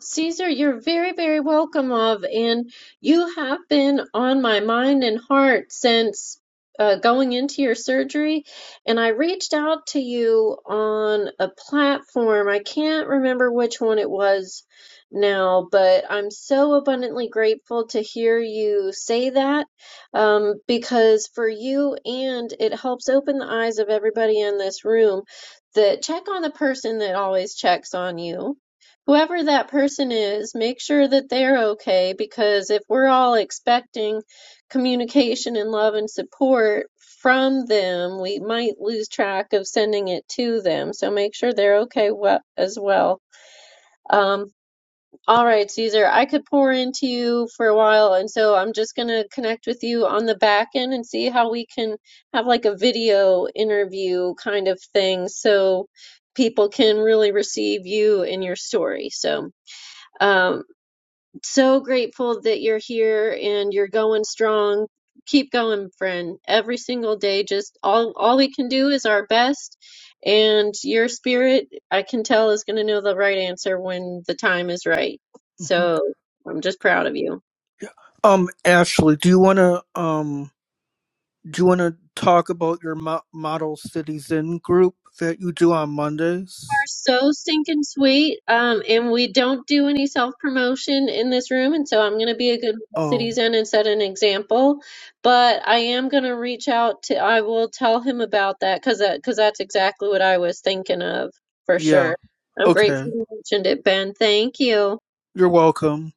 Speaker 2: Caesar, you're very, very welcome of, and you have been on my mind and heart since uh, going into your surgery. And I reached out to you on a platform. I can't remember which one it was now, but I'm so abundantly grateful to hear you say that um, because for you and it helps open the eyes of everybody in this room that check on the person that always checks on you whoever that person is, make sure that they're okay because if we're all expecting communication and love and support from them, we might lose track of sending it to them. So make sure they're okay we- as well. Um, all right, Caesar, I could pour into you for a while, and so I'm just gonna connect with you on the back end and see how we can have like a video interview kind of thing so people can really receive you and your story. So um, so grateful that you're here and you're going strong. Keep going, friend. Every single day, just all all we can do is our best. And your spirit, I can tell, is going to know the right answer when the time is right.
Speaker 5: Mhm.
Speaker 2: So I'm just proud of you.
Speaker 5: Um, Ashley, do you want to um do you want to talk about your mo- model cities in group that you do on Mondays?
Speaker 2: so stinking sweet. Um, and we don't do any self promotion in this room, and so I'm going to be a good
Speaker 5: Oh,
Speaker 2: citizen and set an example. But I am going to reach out to. I will tell him about that because that, because that's exactly what I was thinking of for sure.
Speaker 5: yeah.
Speaker 2: I'm grateful
Speaker 5: Okay.
Speaker 2: you mentioned it, Ben. Thank you.
Speaker 5: You're welcome.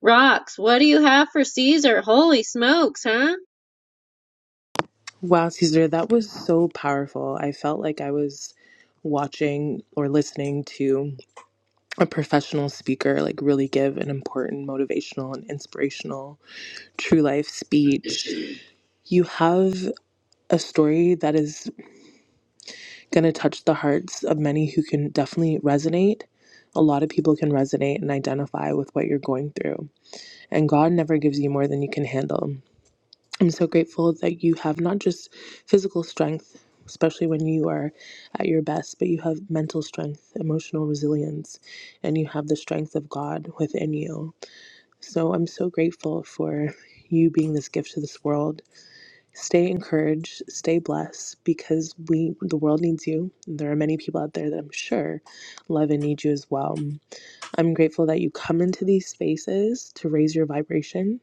Speaker 2: Rocks, what do you have for Caesar? Holy smokes, huh?
Speaker 4: Wow, Caesar, that was so powerful. I felt like I was watching or listening to a professional speaker like really give an important motivational and inspirational true life speech. You have a story that is going to touch the hearts of many who can definitely resonate. A lot of people can resonate and identify with what you're going through. And God never gives you more than you can handle. I'm so grateful that you have not just physical strength, especially when you are at your best, but you have mental strength, emotional resilience, and you have the strength of God within you. So I'm so grateful for you being this gift to this world. Stay encouraged, stay blessed because we the world needs you. There are many people out there that I'm sure love and need you as well. I'm grateful that you come into these spaces to raise your vibration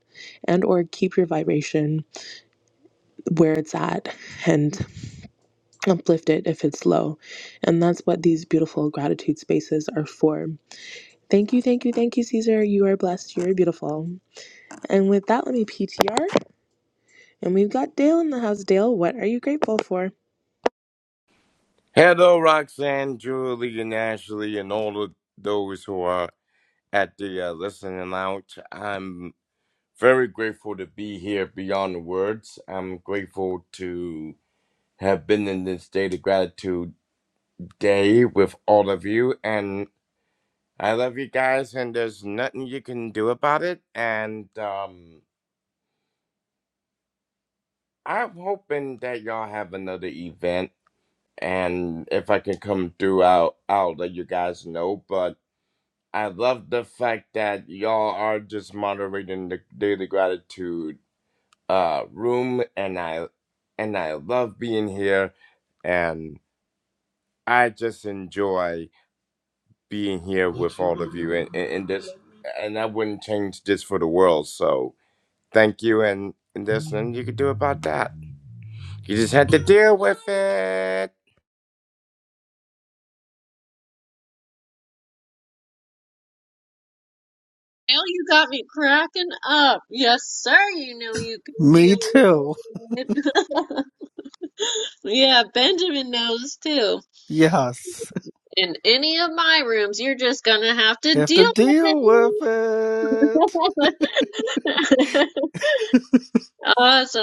Speaker 4: and or keep your vibration where it's at and uplift it if it's low. And that's what these beautiful gratitude spaces are for. Thank you, thank you, thank you, Caesar. You are blessed. You are beautiful. And with that, let me PTR. And we've got Dale in the house. Dale, what are you grateful for?
Speaker 6: Hello, Roxanne, Julie, and Ashley, and all of those who are at the uh, listening lounge. I'm very grateful to be here beyond the words. I'm grateful to have been in this state of gratitude day with all of you, and I love you guys, and there's nothing you can do about it. And um, I'm hoping that y'all have another event and if I can come through, I'll, I'll let you guys know. But I love the fact that y'all are just moderating the daily gratitude uh room, and I and I love being here, and I just enjoy being here with all of you, and and, and this, and I wouldn't change this for the world. So thank you, and, and there's nothing you could do about that. You just had to deal with it.
Speaker 2: Now you got me cracking up. Yes, sir. You know you can
Speaker 5: Me
Speaker 2: deal
Speaker 5: too.
Speaker 2: with it. Yeah, Benjamin knows too.
Speaker 5: Yes.
Speaker 2: In any of my rooms, you're just gonna have to
Speaker 5: Have to
Speaker 2: deal with
Speaker 5: deal with it.
Speaker 2: it. Awesome,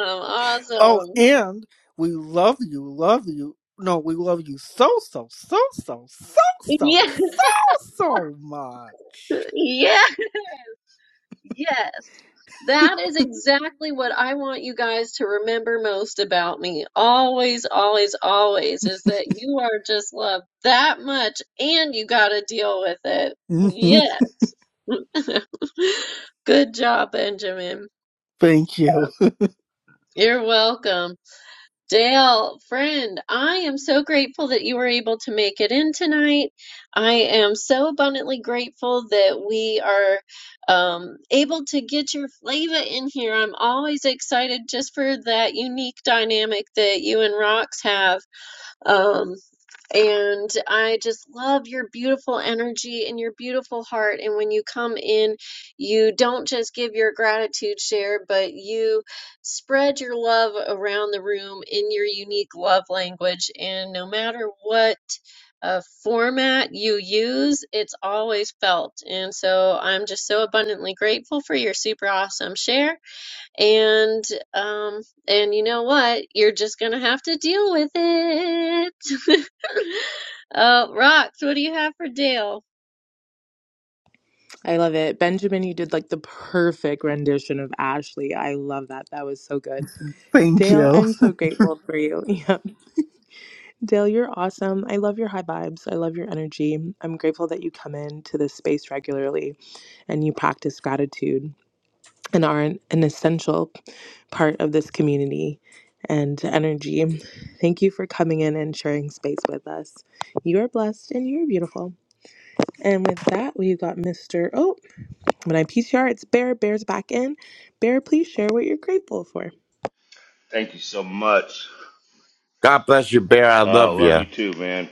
Speaker 5: Oh,
Speaker 2: awesome.
Speaker 5: and we love you, love you. No, we love you so, so, so, so, so, so,
Speaker 2: Yes,
Speaker 5: so, so much.
Speaker 2: yes, yes. That is exactly what I want you guys to remember most about me. Always, always, always is that you are just loved that much and you gotta deal with it.
Speaker 5: Mhm.
Speaker 2: Yes. Good job, Benjamin.
Speaker 5: Thank you.
Speaker 2: You're welcome. Dale, friend, I am so grateful that you were able to make it in tonight. I am so abundantly grateful that we are um, able to get your flavor in here. I'm always excited just for that unique dynamic that you and Rox have. Um, and I just love your beautiful energy and your beautiful heart. And when you come in, you don't just give your gratitude share, but you spread your love around the room in your unique love language. And no matter what uh, format you use, it's always felt. And so I'm just so abundantly grateful for your super awesome share and um and you know what you're just gonna have to deal with it uh rox what do you have for dale
Speaker 4: I love it. Benjamin, you did like the perfect rendition of Ashley. I love that. That was so good.
Speaker 5: Thank
Speaker 4: Dale,
Speaker 5: you.
Speaker 4: I'm so grateful for you. Yeah. Dale, you're awesome. I love your high vibes. I love your energy. I'm grateful that you come into this space regularly. and you practice gratitude and are an, an essential part of this community and energy. Thank you for coming in and sharing space with us. You are blessed and you are beautiful. And with that, we got Mr. Oh, when I PCR, it's Bear. Bear's back in. Bear, please share what you're grateful for.
Speaker 7: Thank you so much.
Speaker 6: God bless you, Bear. I
Speaker 7: Uh,
Speaker 6: love
Speaker 7: love
Speaker 6: you.
Speaker 7: you too, man.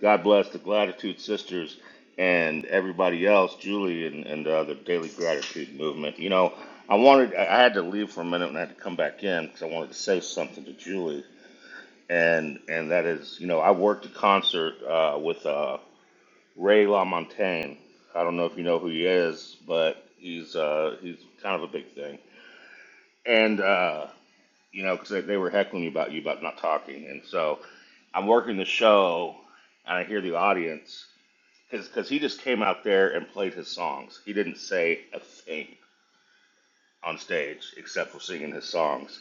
Speaker 7: God bless the Gratitude Sisters and everybody else, Julie and, and uh, the Daily Gratitude Movement. You know, I wanted, I had to leave for a minute and I had to come back in because I wanted to say something to Julie. And and that is, you know, I worked a concert uh, with uh, Ray LaMontagne. I don't know if you know who he is, but he's uh, he's kind of a big thing. And uh, you know, because they, they were heckling you about you about not talking. And so I'm working the show, and I hear the audience because he just came out there and played his songs. He didn't say a thing on stage except for singing his songs.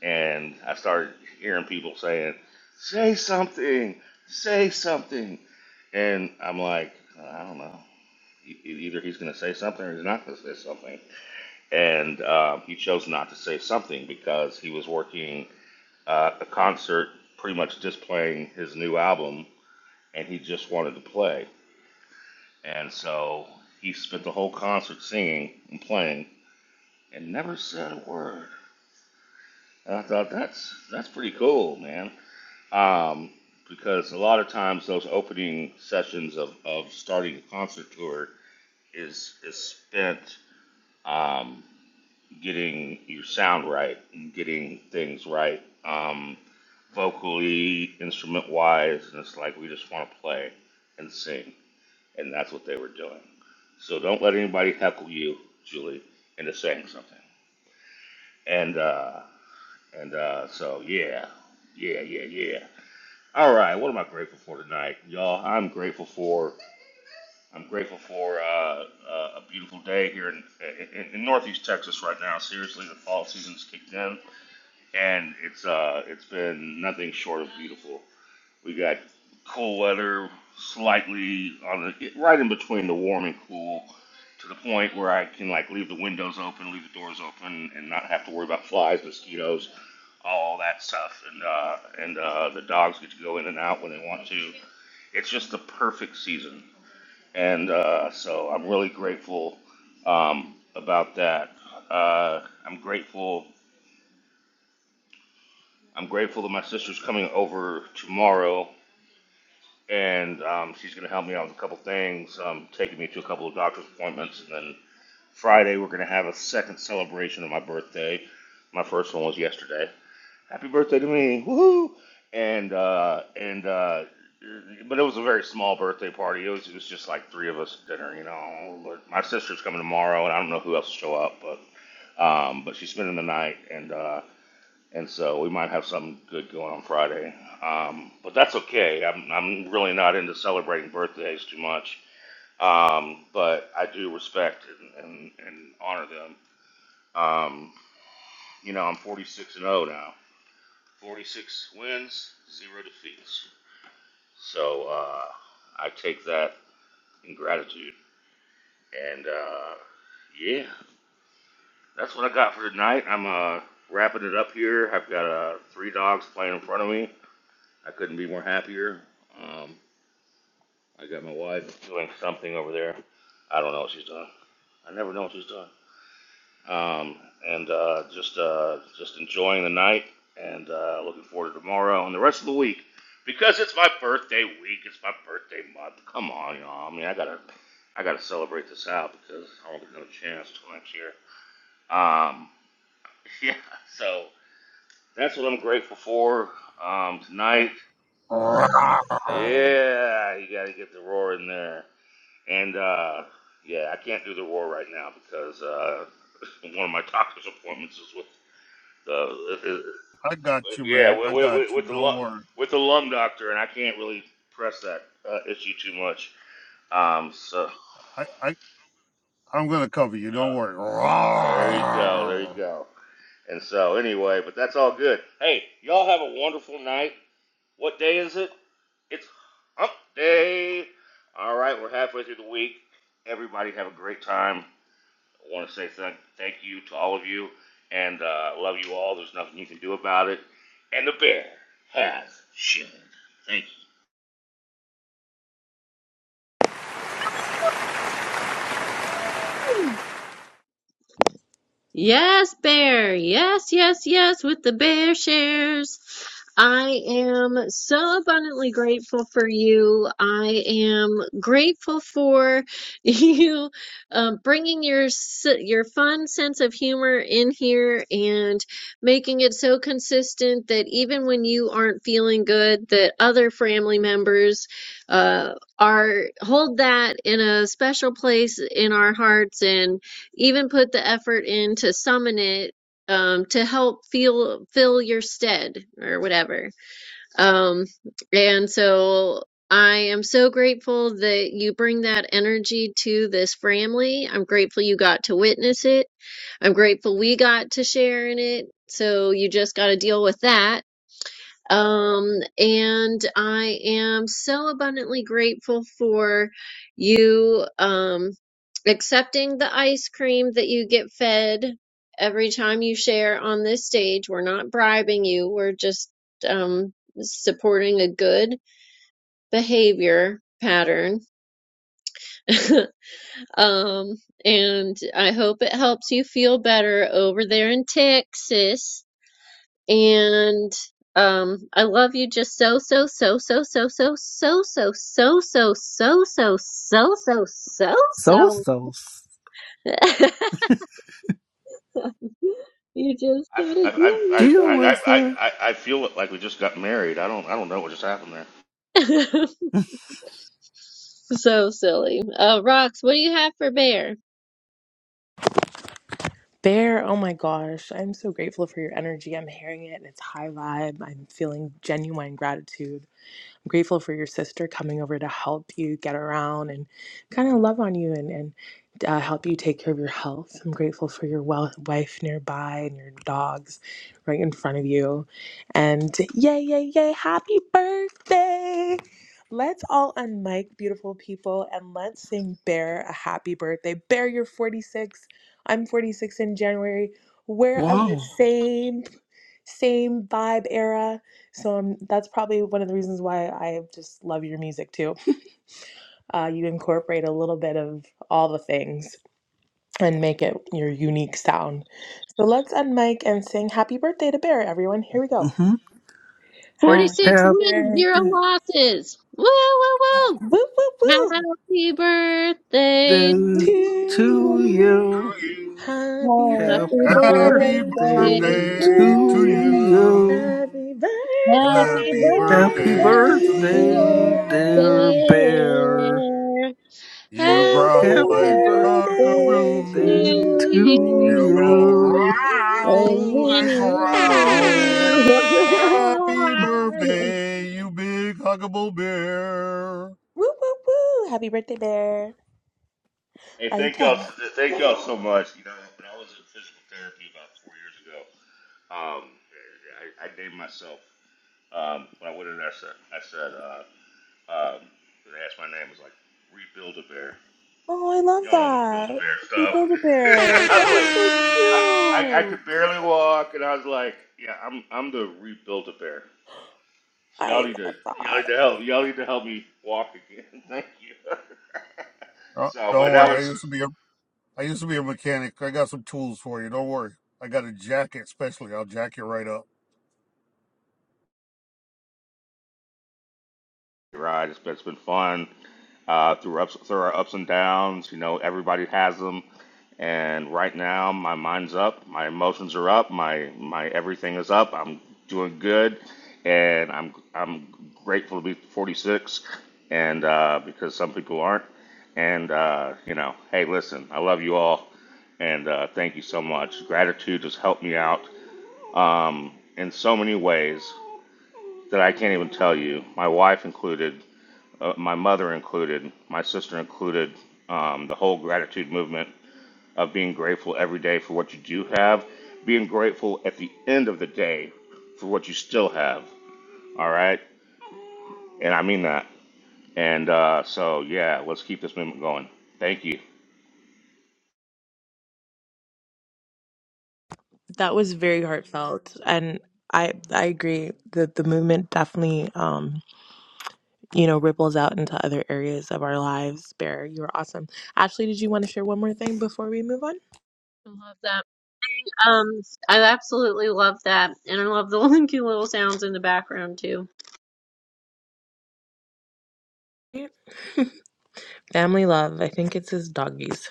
Speaker 7: And I started hearing people saying, "Say something, say something," and I'm like, I don't know. E- e, Either he's going to say something or he's not going to say something. And um, he chose not to say something because he was working uh, a concert pretty much just playing his new album, and he just wanted to play. And so he spent the whole concert singing and playing and never said a word. And I thought, that's, that's pretty cool, man. Um, because a lot of times those opening sessions of, of starting a concert tour is, is spent um, getting your sound right and getting things right, um, vocally, instrument wise, and it's like we just want to play and sing, and that's what they were doing. So don't let anybody heckle you, Julie, into saying something. And uh, and uh, so yeah, yeah, yeah, yeah. All right, what am I grateful for tonight, y'all? I'm grateful for I'm grateful for uh, uh, a beautiful day here in, in in Northeast Texas right now. Seriously, the fall season's kicked in and it's uh it's been nothing short of beautiful. We got cool weather, slightly on the right in between the warm and cool, to the point where I can like leave the windows open, leave the doors open, and not have to worry about flies, mosquitoes, all that stuff. And uh, and uh, the dogs get to go in and out when they want to. It's just the perfect season, and uh, so I'm really grateful um, about that. Uh, I'm grateful I'm grateful that my sister's coming over tomorrow, and um, she's going to help me out with a couple things, um, taking me to a couple of doctor's appointments, and then Friday we're going to have a second celebration of my birthday. My first one was yesterday. Happy birthday to me! Woohoo! And uh, and uh, but it was a very small birthday party. It was it was just like three of us at dinner, you know. But my sister's coming tomorrow, and I don't know who else will show up, but um, but she's spending the night, and uh, and so we might have something good going on Friday. Um, but that's okay. I'm I'm really not into celebrating birthdays too much. Um, but I do respect and, and, and honor them. Um, you know, I'm 46 and 0 now. 46 wins, zero defeats. So uh, I take that in gratitude. And uh, yeah, that's what I got for tonight. I'm uh, wrapping it up here. I've got uh, three dogs playing in front of me. I couldn't be more happier. Um, I got my wife doing something over there. I don't know what she's doing. I never know what she's doing. Um, and uh, just uh, just enjoying the night and uh, looking forward to tomorrow and the rest of the week because it's my birthday week. It's my birthday month. Come on, you know. I mean, I gotta I gotta celebrate this out because I won't get another chance till next year. Um, yeah. So that's what I'm grateful for um, tonight.
Speaker 9: I
Speaker 7: Yeah, you gotta get the roar in there. And uh, yeah, I can't do the roar right now because uh, one of my doctor's appointments is with the uh,
Speaker 9: got you,
Speaker 7: yeah
Speaker 9: man. I
Speaker 7: with, with,
Speaker 9: got
Speaker 7: with
Speaker 9: you.
Speaker 7: the
Speaker 9: Don't
Speaker 7: lung
Speaker 9: worry.
Speaker 7: with the lung doctor, and I can't really press that uh, issue too much. Um, so
Speaker 9: I,
Speaker 7: uh,
Speaker 9: I, I'm going to cover you. Don't worry.
Speaker 7: there you go, there you
Speaker 9: To
Speaker 7: go. And so anyway, but that's all good. Hey, y'all have a wonderful night. What day is it? It's Hump Day. All right, we're halfway through the week. Everybody have a great time. I want to say thank, you to all of you and uh, love you all. There's nothing you can do about it. And the bear has shed. Thank you.
Speaker 2: Yes, bear. Yes, yes, yes, with the bear shares. I am so abundantly grateful for you. I am grateful for you um, bringing your s- your fun sense of humor in here and making it so consistent that even when you aren't feeling good, that other family members uh, are hold that in a special place in our hearts and even put the effort in to summon it um, to help feel fill your stead or whatever. Um, and so I am so grateful that you bring that energy to this family. I'm grateful you got to witness it. I'm grateful we got to share in it. So you just got to deal with that um, and I am so abundantly grateful for you um, accepting the ice cream that you get fed every time you share on this stage. We're not bribing you, we're just um, supporting a good behavior pattern. um, and I hope it helps you feel better over there in Texas. And um, I love you just so, so, so, so, so, so, so, so, so, so, so, so, so, so,
Speaker 5: So,
Speaker 2: so,
Speaker 5: so,
Speaker 2: so. You just
Speaker 7: I,
Speaker 2: gotta
Speaker 7: I, I,
Speaker 2: deal
Speaker 7: I,
Speaker 2: with
Speaker 5: deal
Speaker 7: I,
Speaker 5: with
Speaker 7: I,
Speaker 5: it.
Speaker 7: I- feel like we just got married. I don't I don't know what just happened there.
Speaker 2: it. So silly. Uh, Rox, what do you have for Bear?
Speaker 4: Bear, oh my gosh, I'm so grateful for your energy. I'm hearing it and it's high vibe. I'm feeling genuine gratitude I'm grateful for your sister coming over to help you get around and kind of love on you and, and uh, help you take care of your health. I'm grateful for your wel- wife nearby and your dogs right in front of you. And yay, yay, yay, happy birthday! Let's all unmic, beautiful people, and let's sing Bear a happy birthday. Bear, you're 46. I'm 46 in January. We're of the
Speaker 5: Wow.
Speaker 4: same same vibe era. So um, that's probably one of the reasons why I just love your music too. Uh, you incorporate a little bit of all the things and make it your unique sound. So let's unmic and sing happy birthday to Bear, everyone. Here we go.
Speaker 5: Mm-hmm.
Speaker 2: 46
Speaker 4: Happy
Speaker 5: Happy
Speaker 2: wins,
Speaker 4: birthday.
Speaker 2: zero losses. Woo, woo,
Speaker 4: Woo, woo,
Speaker 2: woo.
Speaker 4: woo.
Speaker 2: Happy birthday
Speaker 5: day
Speaker 4: To
Speaker 2: to
Speaker 10: to
Speaker 5: to
Speaker 2: you.
Speaker 4: you.
Speaker 5: you.
Speaker 9: you.
Speaker 10: you.
Speaker 4: Happy
Speaker 2: Happy
Speaker 10: Happy
Speaker 5: Happy
Speaker 9: Happy
Speaker 4: birthday to
Speaker 2: birthday
Speaker 5: birthday
Speaker 2: to
Speaker 10: birthday
Speaker 9: birthday
Speaker 10: to
Speaker 9: to
Speaker 4: you.
Speaker 5: to
Speaker 2: you.
Speaker 5: you.
Speaker 9: you.
Speaker 10: you.
Speaker 4: Happy
Speaker 2: Happy
Speaker 9: Happy
Speaker 4: birthday,
Speaker 10: Happy
Speaker 5: Happy
Speaker 4: dear
Speaker 9: birthday to
Speaker 2: birthday,
Speaker 10: birthday,
Speaker 2: dear
Speaker 5: birthday,
Speaker 10: dear
Speaker 4: Bear.
Speaker 9: you.
Speaker 5: dear bear.
Speaker 10: bear.
Speaker 2: bear.
Speaker 9: You
Speaker 4: Happy
Speaker 2: Happy
Speaker 9: growl
Speaker 10: Happy
Speaker 5: Happy
Speaker 9: like
Speaker 5: birthday
Speaker 9: a
Speaker 4: birthday
Speaker 2: birthday
Speaker 4: to
Speaker 10: birthday
Speaker 2: to
Speaker 10: to
Speaker 9: guru.
Speaker 5: to
Speaker 9: You go
Speaker 4: you.
Speaker 10: you.
Speaker 2: you.
Speaker 5: you.
Speaker 10: Woo, woo, woo,
Speaker 2: And
Speaker 10: woo,
Speaker 9: growl
Speaker 10: woo,
Speaker 9: and
Speaker 2: many
Speaker 10: and
Speaker 2: more.
Speaker 10: many
Speaker 9: growl.
Speaker 10: more.
Speaker 9: Happy birthday, you big huggable bear.
Speaker 4: Woo, woo, woo. Happy birthday, bear.
Speaker 7: Hey,
Speaker 4: Are you
Speaker 7: thank y'all
Speaker 4: 10?
Speaker 7: thank y'all so much. You know, when I was in physical therapy about four years ago, um, I, I named myself um, when I went in there. I said I said uh, um, they asked my name, it was like rebuild a bear.
Speaker 4: Oh, I love
Speaker 7: Y'all know the build a
Speaker 4: that.
Speaker 7: bear
Speaker 4: We
Speaker 7: stuff.
Speaker 4: build a bear.
Speaker 7: I was
Speaker 4: That is
Speaker 7: like,
Speaker 4: so
Speaker 7: I, I I could
Speaker 4: cute.
Speaker 7: barely walk, and I was like, "Yeah, I'm I'm the rebuilt a bear. So y'all
Speaker 4: I
Speaker 7: need to
Speaker 4: love
Speaker 7: y'all
Speaker 4: that.
Speaker 7: need to help y'all need to help me walk again. Thank you."
Speaker 9: Uh,
Speaker 7: so, but
Speaker 9: don't
Speaker 7: that
Speaker 9: worry.
Speaker 7: was
Speaker 9: I
Speaker 7: just
Speaker 9: used to be a I used to be a mechanic. I got some tools for you. Don't worry. I got a jacket especially. I'll jack you right up.
Speaker 7: Right, it's been, it's been fun uh, through ups through our ups and downs. You know, everybody has them, and right now my mind's up, my emotions are up, my my everything is up. I'm doing good, and I'm I'm grateful to be 46, and uh, because some people aren't, and uh, you know, hey, listen, I love you all, and uh, thank you so much. Gratitude has helped me out um, in so many ways that I can't even tell you, my wife included uh, my mother included, my sister included, um, the whole gratitude movement of being grateful every day for what you do have, being grateful at the end of the day for what you still have. All right, and I mean that. And uh, so yeah, let's keep this movement going. Thank you.
Speaker 4: That was very heartfelt. And I I agree that the movement definitely. um you know, ripples out into other areas of our lives. Bear, you are awesome. Ashley, did you want to share one more thing before we move on?
Speaker 2: I love that. Um, I absolutely love that. And I love the linky little sounds in the background too.
Speaker 4: Family love. I think it's his doggies.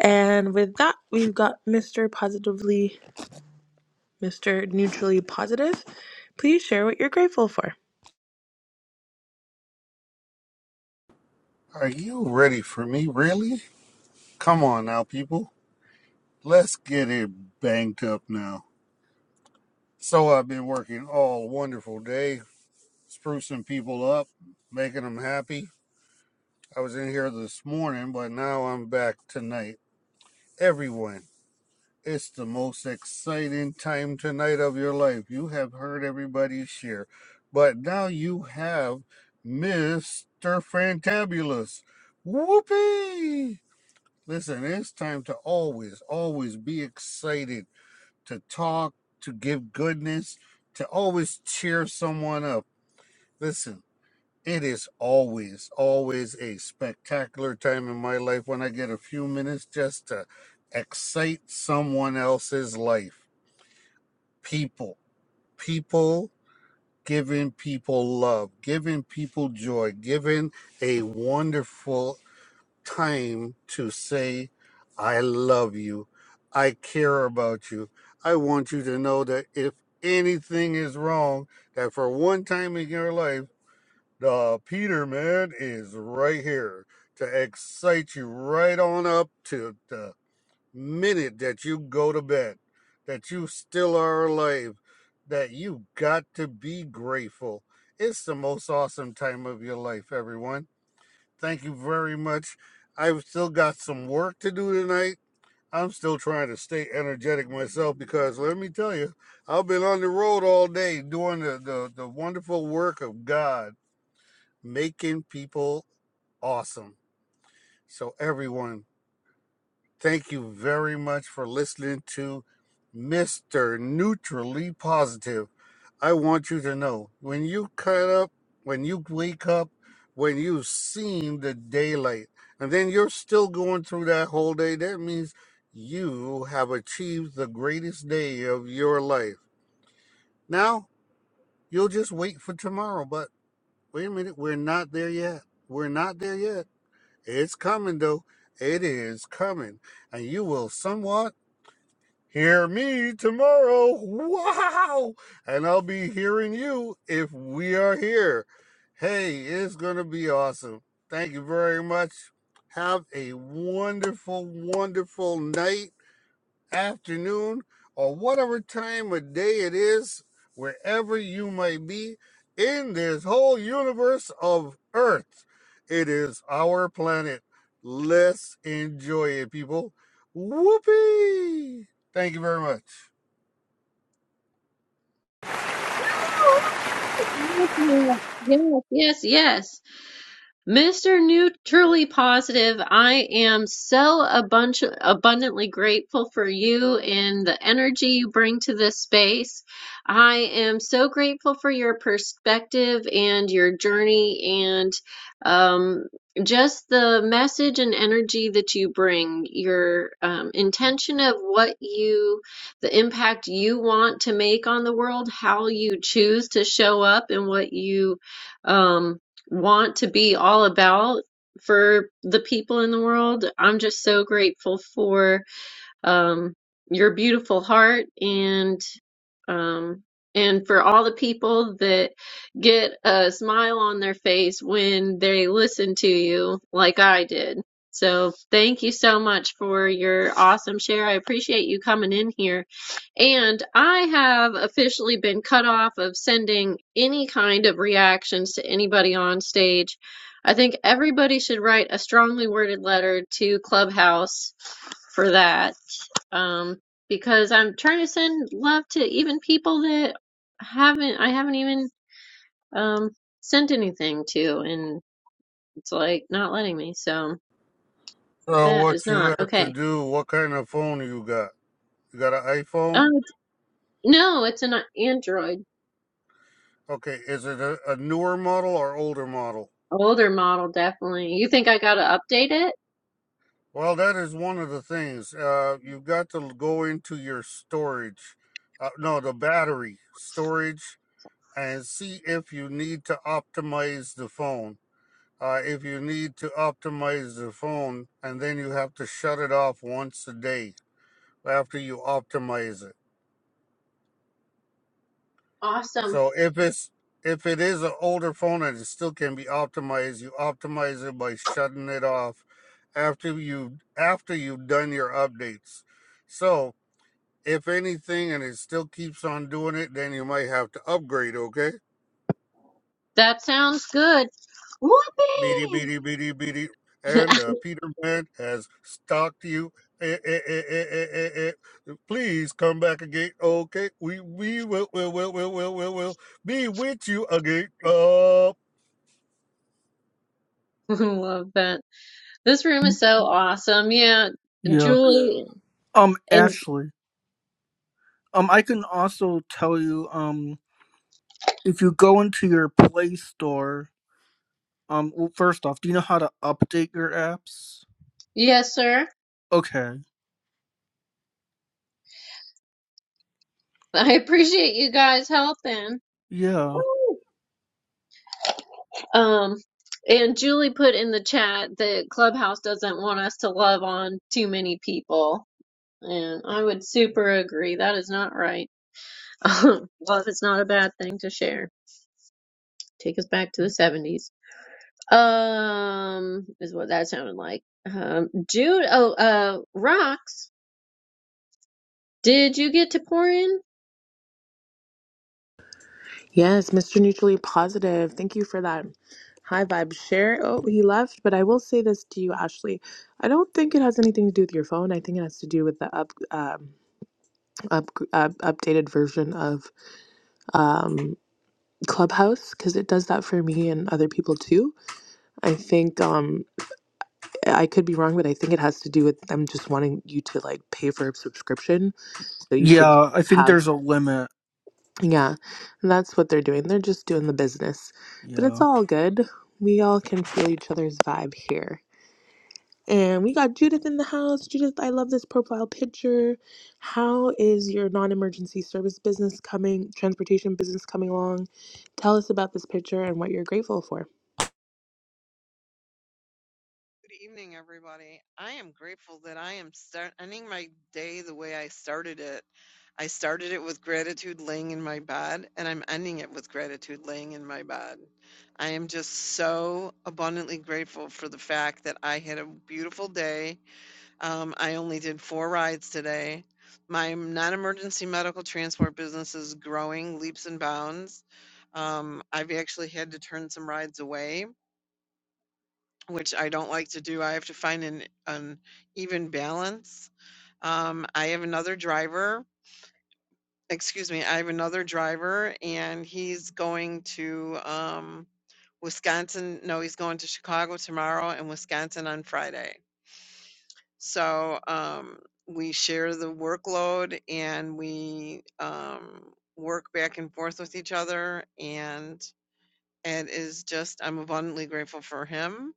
Speaker 4: And with that, we've got Mr. Positively, Mr. Neutrally Positive. Please share what you're grateful for.
Speaker 9: Are you ready for me? Really? Come on now, people. Let's get it banged up now. So I've been working all wonderful day, sprucing people up, making them happy. I was in here this morning, but now I'm back tonight. Everyone. It's the most exciting time tonight of your life. You have heard everybody share, but now you have Mr. Fantabulous. Whoopee! Listen, it's time to always, always be excited, to talk, to give goodness, to always cheer someone up. Listen, it is always, always a spectacular time in my life when I get a few minutes just to excite someone else's life people, people, giving people love, giving people joy, giving a wonderful time to say, I love you. I care about you. I want you to know that if anything is wrong, that for one time in your life, the Peter man is right here to excite you right on up to the minute that you go to bed, that you still are alive, that you got to be grateful. It's the most awesome time of your life, everyone. Thank you very much. I've still got some work to do tonight. I'm still trying to stay energetic myself because let me tell you, I've been on the road all day doing the, the, the wonderful work of God, making people awesome. So, everyone, Thank you very much for listening to Mr. Neutrally Positive. I want you to know when you cut up, when you wake up, when you've seen the daylight, and then you're still going through that whole day, that means you have achieved the greatest day of your life. Now, you'll just wait for tomorrow, but wait a minute, we're not there yet. We're not there yet. It's coming, though. It is coming and you will somewhat Hear me tomorrow. Wow. And I'll be hearing you if we are here. Hey, it's going to be awesome. Thank you very much. Have a wonderful, wonderful night afternoon, or whatever time of day it is, wherever you may be in this whole universe of Earth. It is our planet. Let's enjoy it, people. Whoopee! Thank you very much.
Speaker 2: Yes, yes, yes. yes. Mr. Neutrally Positive, I am so abunch abundantly grateful for you and the energy you bring to this space. I am so grateful for your perspective and your journey and um, just the message and energy that you bring, your um, intention of what you, the impact you want to make on the world, how you choose to show up and what you. Um, want to be all about for the people in the world. I'm just so grateful for um, your beautiful heart and um, and for all the people that get a smile on their face when they listen to you like I did. So thank you so much for your awesome share. I appreciate you coming in here. And I have officially been cut off of sending any kind of reactions to anybody on stage. I think everybody should write a strongly worded letter to Clubhouse for that um, because I'm trying to send love to even people that haven't I haven't even um sent anything to, and it's like not letting me. So
Speaker 9: So,
Speaker 2: that
Speaker 9: what
Speaker 2: is
Speaker 9: you
Speaker 2: not
Speaker 9: have to
Speaker 2: okay.
Speaker 9: do? What kind of phone you got? You got an
Speaker 2: Um,
Speaker 9: iPhone?
Speaker 2: no, it's an Android
Speaker 9: Okay, is it a, a newer model or older model?
Speaker 2: older model, definitely. You think I gotta update it?
Speaker 9: Well, that is one of the things. Uh, you've got to go into your storage, uh, no, the battery storage, and see if you need to optimize the phone. Uh, if you need to optimize the phone, and then you have to shut it off once a day after you optimize it.
Speaker 2: Awesome.
Speaker 9: So if it's if it is an older phone and it still can be optimized, you optimize it by shutting it off after you after you've done your updates. So If anything, and it still keeps on doing it, then you might have to upgrade, okay?
Speaker 2: That sounds good.
Speaker 9: Beady,
Speaker 2: Whoopee!
Speaker 9: beady, beady, beady. And uh, Peter Man has stalked you. Eh, eh, eh, eh, eh, eh, eh. eh. Please come back again, okay? We we will will will will will will, will be with you again. Uh.
Speaker 2: I love that. This room is so awesome. Yeah,
Speaker 5: Yeah.
Speaker 2: Julie
Speaker 5: Um,
Speaker 2: and
Speaker 5: Ashley. Um, I can also tell you, um, if you go into your Play Store, um, well, first off, do you know how to update your apps?
Speaker 2: yes, sir.
Speaker 5: Okay.
Speaker 2: I appreciate you guys helping.
Speaker 5: Yeah.
Speaker 2: Um, and Julie put in the chat that Clubhouse doesn't want us to love on too many people. And I would super agree. That is not right. Love is not a bad thing to share. Take us back to the 70s. Um, is what that sounded like. Um, Jude, oh, uh, Rocks, did you get to pour in?
Speaker 4: Yes, Mr. Neutrally Positive. Thank you for that high vibe share. Oh, he left, but I will say this to you, Ashley. I don't think it has anything to do with your phone. I think it has to do with the up, um, up, up updated version of um, Clubhouse because it does that for me and other people too. I think um, I could be wrong, but I think it has to do with them just wanting you to like pay for a subscription so you could
Speaker 5: Yeah, I think
Speaker 4: have.
Speaker 5: there's a limit.
Speaker 4: Yeah, that's what they're doing. They're just doing the business. But it's
Speaker 5: Yeah.
Speaker 4: all good. We all can feel each other's vibe here. And we got Judith in the house. Judith, I love this profile picture. How is your non-emergency service business coming, transportation business coming along? Tell us about this picture and what you're grateful for.
Speaker 10: Good evening, everybody. I am grateful that I am start- ending my day the way I started it. I started it with gratitude laying in my bed, and I'm ending it with gratitude laying in my bed. I am just so abundantly grateful for the fact that I had a beautiful day. Um, I only did four rides today. My non emergency medical transport business is growing leaps and bounds. Um, I've actually had to turn some rides away which I don't like to do. I have to find an, an even balance. Um, I have another driver, excuse me, I have another driver and he's going to um, Wisconsin. No, he's going to Chicago tomorrow and Wisconsin on Friday. So um, we share the workload and we um, work back and forth with each other. And and is just I'm abundantly grateful for him.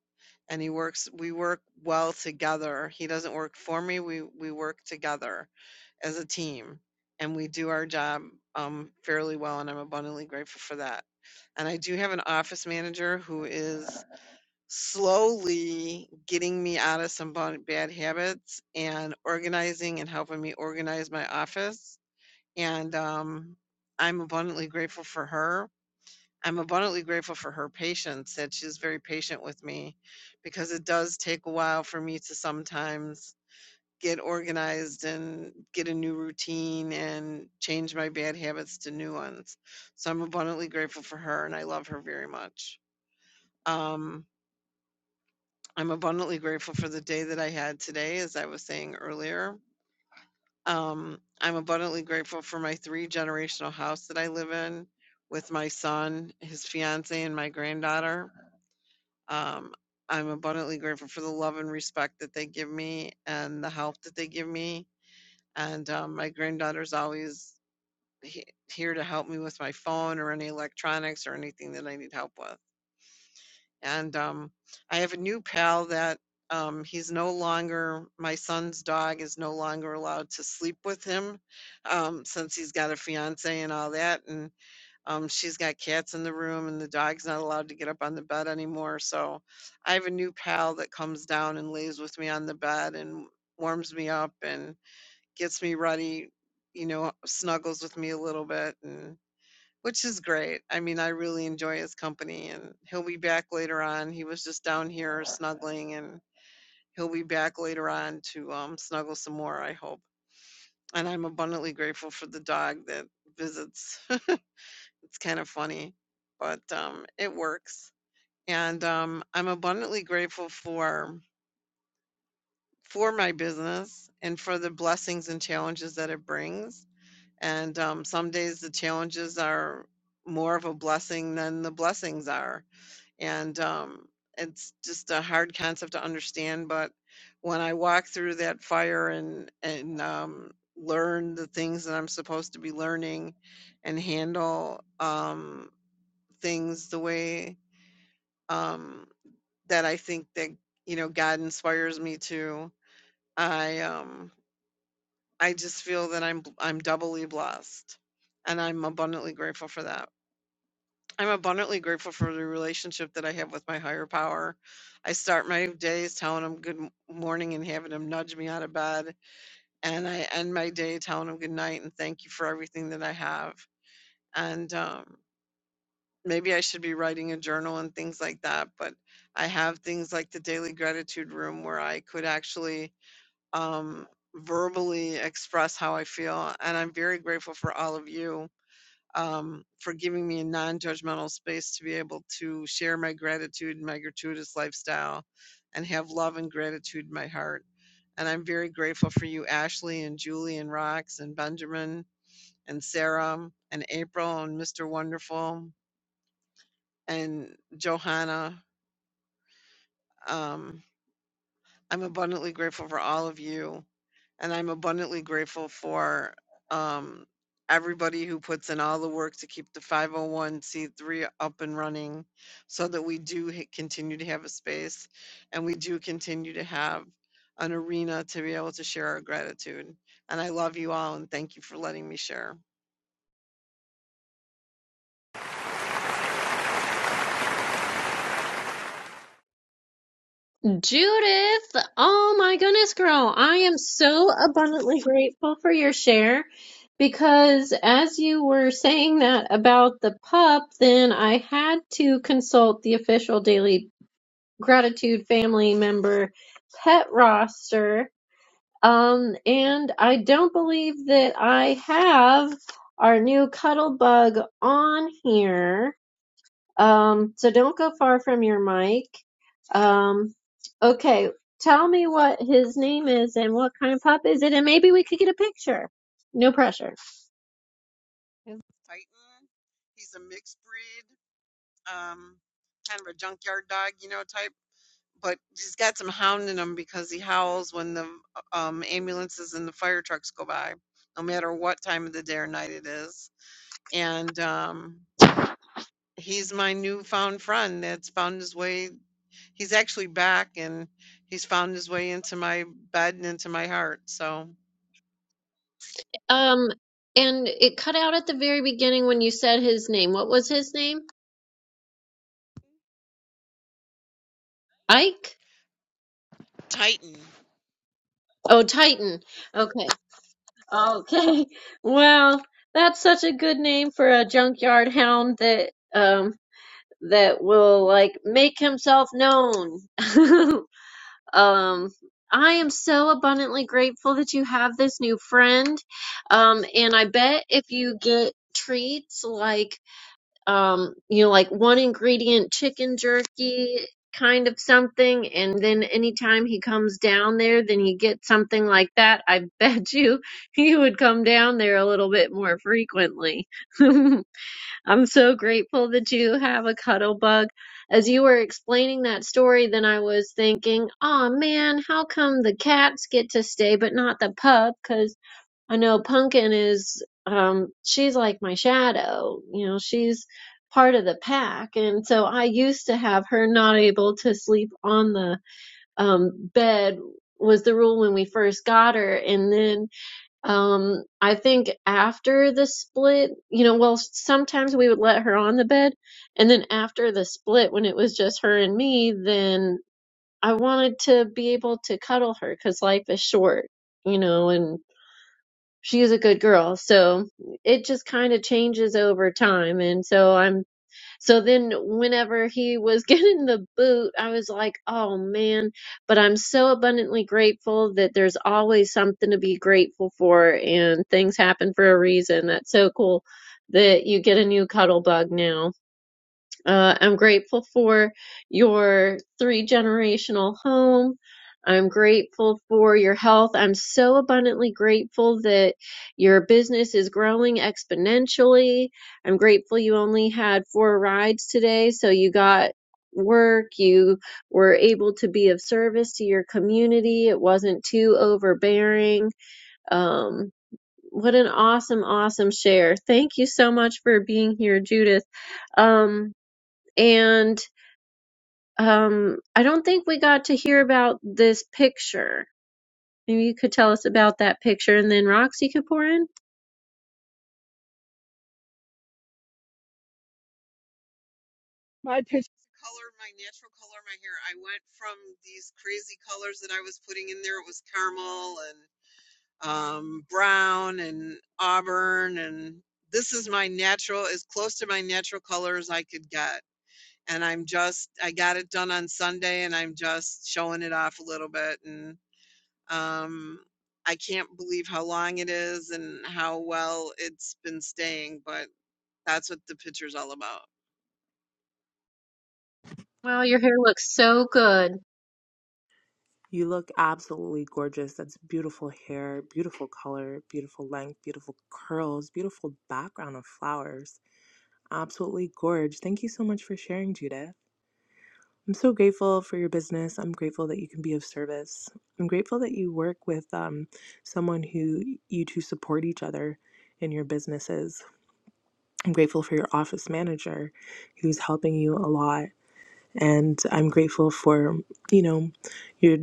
Speaker 10: And he works we work well together. He doesn't work for me. We we work together as a team and we do our job um, fairly well and I'm abundantly grateful for that. And I do have an office manager who is slowly getting me out of some bon- bad habits and organizing and helping me organize my office. And um, I'm abundantly grateful for her I'm abundantly grateful for her patience, that she's very patient with me because it does take a while for me to sometimes get organized and get a new routine and change my bad habits to new ones. So I'm abundantly grateful for her and I love her very much. Um, I'm abundantly grateful for the day that I had today, as I was saying earlier. Um, I'm abundantly grateful for my three generational house that I live in with my son, his fiance, and my granddaughter. Um, I'm abundantly grateful for the love and respect that they give me and the help that they give me. And um, my granddaughter's always he- here to help me with my phone or any electronics or anything that I need help with. And um, I have a new pal that um, he's no longer, my son's dog is no longer allowed to sleep with him um, since he's got a fiance and all that. And um, she's got cats in the room, and the dog's not allowed to get up on the bed anymore. So I have a new pal that comes down and lays with me on the bed and warms me up and gets me ready, you know, snuggles with me a little bit, and which is great. I mean, I really enjoy his company, and he'll be back later on. He was just down here snuggling, and he'll be back later on to um, snuggle some more, I hope. And I'm abundantly grateful for the dog that visits it's kind of funny, but um, it works. And um, I'm abundantly grateful for for my business and for the blessings and challenges that it brings. And um, some days the challenges are more of a blessing than the blessings are. And um, it's just a hard concept to understand. But when I walk through that fire and and um, learn the things that I'm supposed to be learning and handle. Um, things the way um that I think that you know God inspires me to. I um I just feel that I'm I'm doubly blessed and I'm abundantly grateful for that. I'm abundantly grateful for the relationship that I have with my higher power. I start my days telling him good m- morning and having him nudge me out of bed, and I end my day telling him good night and thank you for everything that I have. And um, maybe I should be writing a journal and things like that. But I have things like the daily gratitude room where I could actually um, verbally express how I feel. And I'm very grateful for all of you um, for giving me a non judgmental space to be able to share my gratitude and my gratuitous lifestyle and have love and gratitude in my heart. And I'm very grateful for you, Ashley and Julie and Rox and Benjamin and Sarah and April and Mr. Wonderful and Johanna. Um, I'm abundantly grateful for all of you, and I'm abundantly grateful for um, everybody who puts in all the work to keep the 501c3 up and running so that we do ha- continue to have a space and we do continue to have an arena to be able to share our gratitude. And I love you all, and thank you for letting me share.
Speaker 2: Judith, oh my goodness, girl, I am so abundantly grateful for your share because as you were saying that about the pup, then I had to consult the official Daily Gratitude family member pet roster. Um, and I don't believe that I have our new cuddle bug on here. Um, so don't go far from your mic. Um, okay, tell me what his name is and what kind of pup is it, and maybe we could get a picture. No pressure.
Speaker 10: Is Titan, he's a mixed breed. Um, kind of a junkyard dog, you know, type but he's got some hound in him because he howls when the um, ambulances and the fire trucks go by, no matter what time of the day or night it is. And um, he's my newfound friend that's found his way. He's actually back and he's found his way into my bed and into my heart. So,
Speaker 2: Um, and it cut out at the very beginning when you said his name. What was his name? Ike?
Speaker 10: Titan.
Speaker 2: Oh, Titan. Okay. Okay. Well, that's such a good name for a junkyard hound that um that will like make himself known. Um, I am so abundantly grateful that you have this new friend. Um, and I bet if you get treats like, um, you know, like one ingredient chicken jerky kind of something, and then anytime he comes down there, then you get something like that. I bet you he would come down there a little bit more frequently. I'm so grateful that you have a cuddle bug. As you were explaining that story, then I was thinking, oh man, how come the cats get to stay but not the pup? Because I know Pumpkin is, um, she's like my shadow. You know, she's part of the pack. And so I used to have her not able to sleep on the um, bed was the rule when we first got her. And then um, I think after the split, you know, well, sometimes we would let her on the bed, and then after the split, when it was just her and me, then I wanted to be able to cuddle her because life is short, you know, and she is a good girl. So it just kind of changes over time, and so I'm so then, whenever he was getting the boot, I was like, oh man, but I'm so abundantly grateful that there's always something to be grateful for and things happen for a reason. That's so cool that you get a new cuddle bug now uh, I'm grateful for your three generational home. I'm grateful for your health. I'm so abundantly grateful that your business is growing exponentially. I'm grateful you only had four rides today, so you got work. You were able to be of service to your community. It wasn't too overbearing. Um, what an awesome, awesome share. Thank you so much for being here, Judith. Um, and um, I don't think we got to hear about this picture. Maybe you could tell us about that picture, and then Roxy could pour in.
Speaker 10: My pitch. Color my natural color of my hair. I went from these crazy colors that I was putting in there. It was caramel and. um, brown and auburn and this is my natural as close to my natural color as i could get and i'm just i got it done on sunday and i'm just showing it off a little bit and um, i can't believe how long it is and how well it's been staying but that's what the picture's all about
Speaker 2: Wow, your hair looks so good.
Speaker 4: You look absolutely gorgeous. That's beautiful hair, beautiful color, beautiful length, beautiful curls, beautiful background of flowers. Absolutely gorge. Thank you so much for sharing, Judith. I'm so grateful for your business. I'm grateful that you can be of service. I'm grateful that you work with um, someone who you two support each other in your businesses. I'm grateful for your office manager who's helping you a lot. And I'm grateful for, you know, your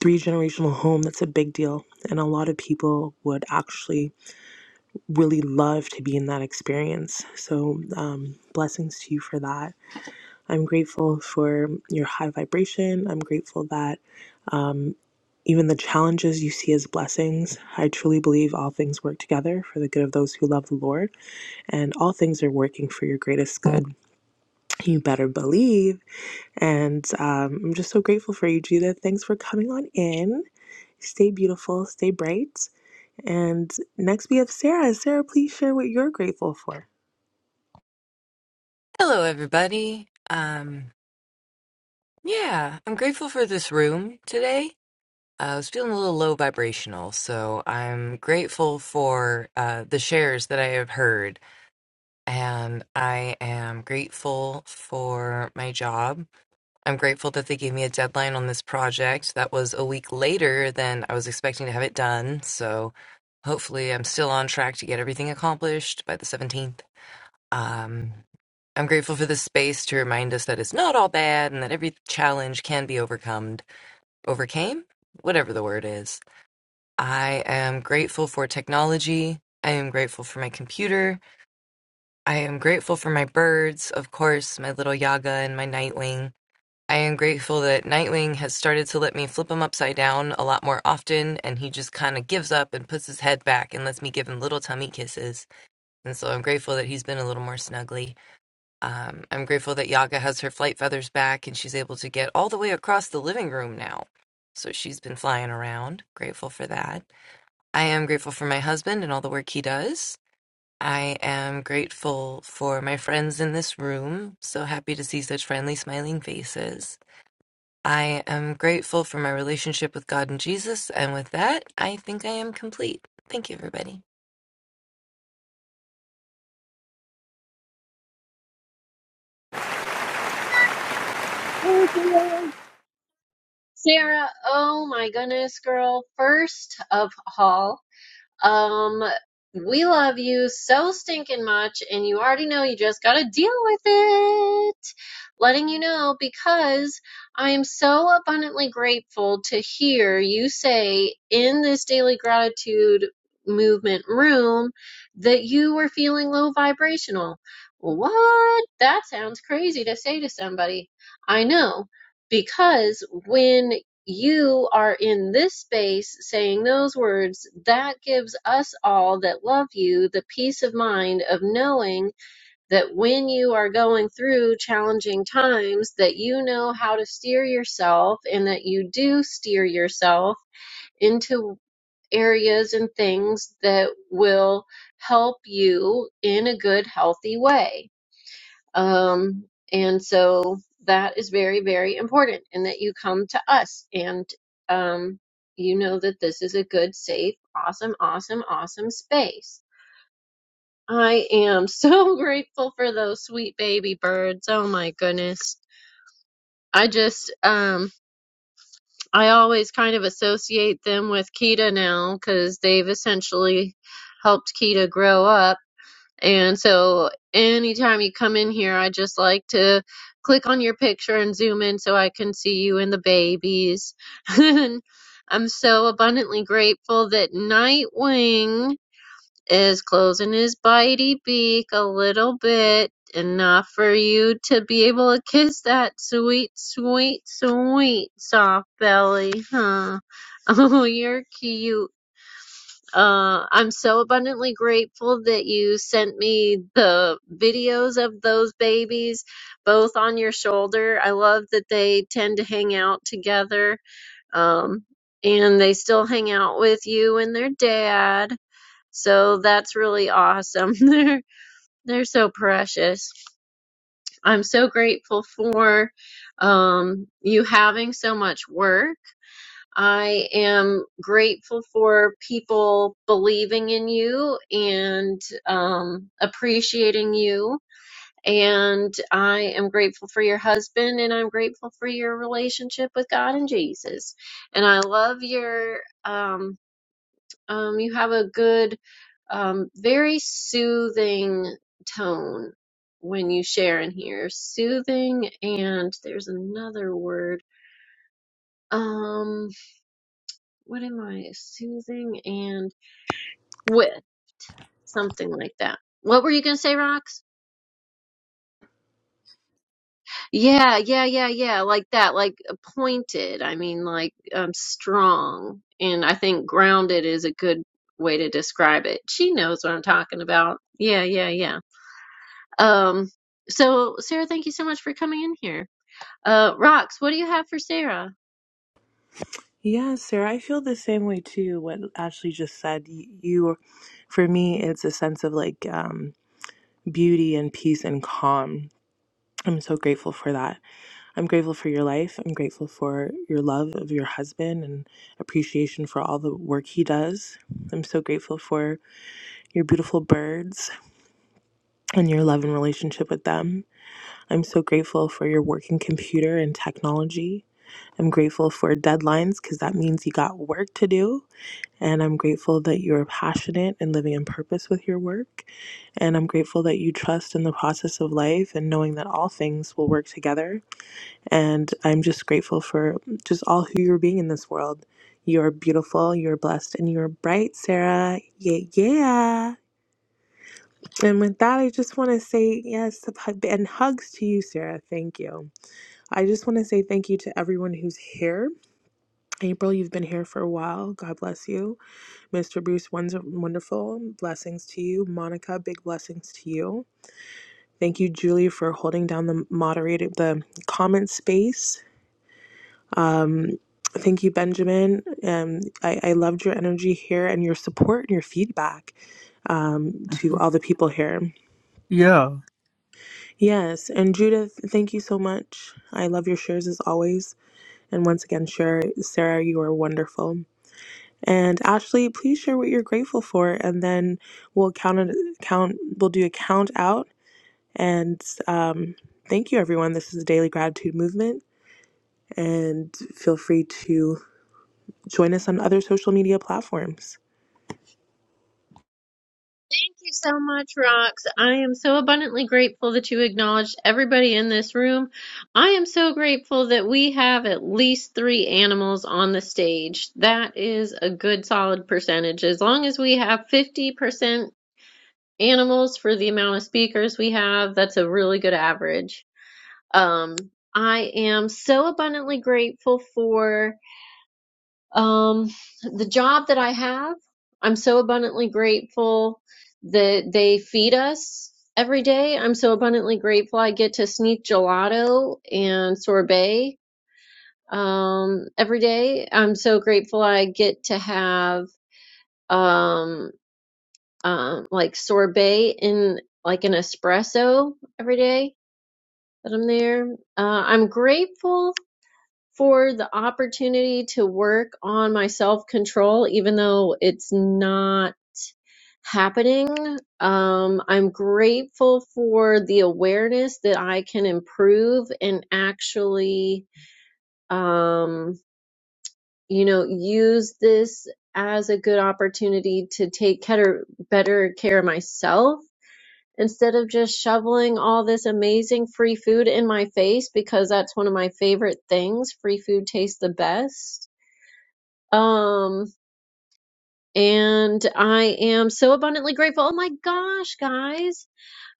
Speaker 4: three generational home. That's a big deal. And a lot of people would actually really love to be in that experience. So, um, blessings to you for that. I'm grateful for your high vibration. I'm grateful that Even the challenges you see as blessings, I truly believe all things work together for the good of those who love the Lord, and all things are working for your greatest good. You better believe. And um, I'm just so grateful for you, Judith. Thanks for coming on in. Stay beautiful, stay bright. And next we have Sarah. Sarah, please share what you're grateful for.
Speaker 11: Hello, everybody. Um, yeah, I'm grateful for this room today. Uh, I was feeling a little low vibrational, so I'm grateful for uh, the shares that I have heard, and I am grateful for my job. I'm grateful that they gave me a deadline on this project that was a week later than I was expecting to have it done. So hopefully, I'm still on track to get everything accomplished by the 17th. Um, I'm grateful for this space to remind us that it's not all bad and that every challenge can be overcome, overcame, whatever the word is. I am grateful for technology. I am grateful for my computer. I am grateful for my birds, of course, my little Yaga and my Nightwing. I am grateful that Nightwing has started to let me flip him upside down a lot more often, and he just kind of gives up and puts his head back and lets me give him little tummy kisses. And so I'm grateful that he's been a little more snuggly. Um, I'm grateful that Yaga has her flight feathers back and she's able to get all the way across the living room now. So she's been flying around. Grateful for that. I am grateful for my husband and all the work he does. I am grateful for my friends in this room. So happy to see such friendly, smiling faces. I am grateful for my relationship with God and Jesus. And with that, I think I am complete. Thank you, everybody.
Speaker 2: Oh, boy. Sarah, oh my goodness, girl. First of all, Um, we love you so stinking much, and you already know you just gotta deal with it. Letting you know because I am so abundantly grateful to hear you say in this daily gratitude movement room that you were feeling low vibrational. What? That sounds crazy to say to somebody. I know because when you are in this space saying those words, that gives us all that love you the peace of mind of knowing that when you are going through challenging times, that you know how to steer yourself and that you do steer yourself into areas and things that will help you in a good, healthy way um, and so that is very, very important, and that you come to us and um, you know that this is a good, safe, awesome, awesome, awesome space. I am so grateful for those sweet baby birds. Oh my goodness. I just, um, I always kind of associate them with Kita now because they've essentially helped Kita grow up And so anytime you come in here, I just like to click on your picture and zoom in so I can see you and the babies. And I'm so abundantly grateful that Nightwing is closing his bitey beak a little bit, enough for you to be able to kiss that sweet, sweet, sweet soft belly, huh? Oh, you're cute. Uh, I'm so abundantly grateful that you sent me the videos of those babies, both on your shoulder. I love that they tend to hang out together, um, and they still hang out with you and their dad. So that's really awesome. They're they're so precious. I'm so grateful for um, you having so much work I am grateful for people believing in you and um, appreciating you. And I am grateful for your husband and I'm grateful for your relationship with God and Jesus. And I love your, um, um, you have a good, um, very soothing tone when you share in here. Soothing and there's another word. Um, What am I? Soothing and with something like that. What were you gonna say, Rox? Yeah, yeah, yeah, yeah, like that, like uh, pointed. I mean, like um, strong. And I think grounded is a good way to describe it. She knows what I'm talking about. Yeah, yeah, yeah. Um, so Sarah, thank you so much for coming in here. Uh, Rox, what do you have for Sarah?
Speaker 4: Yeah, Sarah, I feel the same way too. What Ashley just said, you, you for me, it's a sense of like um, beauty and peace and calm I'm so grateful for that. I'm grateful for your life. I'm grateful for your love of your husband and appreciation for all the work he does. I'm so grateful for your beautiful birds and your love and relationship with them. I'm so grateful for your working computer and technology. I'm grateful for deadlines because that means you got work to do. And I'm grateful that you're passionate and living in purpose with your work. And I'm grateful that you trust in the process of life and knowing that all things will work together And I'm just grateful for just all who you're being in this world. You're beautiful, you're blessed, and you're bright, Sarah. Yeah, yeah. And with that, I just want to say yes and hugs to you, Sarah. Thank you. I just want to say thank you to everyone who's here. April, you've been here for a while. God bless you. Mr. Bruce, one's wonderful. Blessings to you. Monica, big blessings to you. Thank you, Julie, for holding down the moderated the comment space. Um, thank you, Benjamin. Um, I, I loved your energy here and your support and your feedback um, to
Speaker 5: Mhm.
Speaker 4: all the people here.
Speaker 5: Yeah.
Speaker 4: Yes, and Judith, thank you so much. I love your shares as always. And once again, share, Sarah, you are wonderful. And Ashley, please share what you're grateful for, and then we'll count it, count. We'll do a count out. And um, thank you, everyone. This is the Daily Gratitude Movement, and feel free to Join us on other social media platforms.
Speaker 2: Thank you so much, Rox. I am so abundantly grateful that you acknowledged everybody in this room. I am so grateful that we have at least three animals on the stage. That is a good solid percentage. As long as we have 50% animals for the amount of speakers we have, that's a really good average. Um, I am so abundantly grateful for. Um, the job that I have, I'm so abundantly grateful that they feed us every day. I'm so abundantly grateful I get to sneak gelato and sorbet um, every day. I'm so grateful I get to have um, um, like sorbet in like an espresso every day that I'm there. Uh, I'm grateful for the opportunity to work on my self control, even though it's not happening. Um, I'm grateful for the awareness that I can improve and actually, um, you know, use this as a good opportunity to take better, better care of myself. Instead of just shoveling all this amazing free food in my face, because that's one of my favorite things, free food tastes the best Um, and I am so abundantly grateful. Oh my gosh, guys.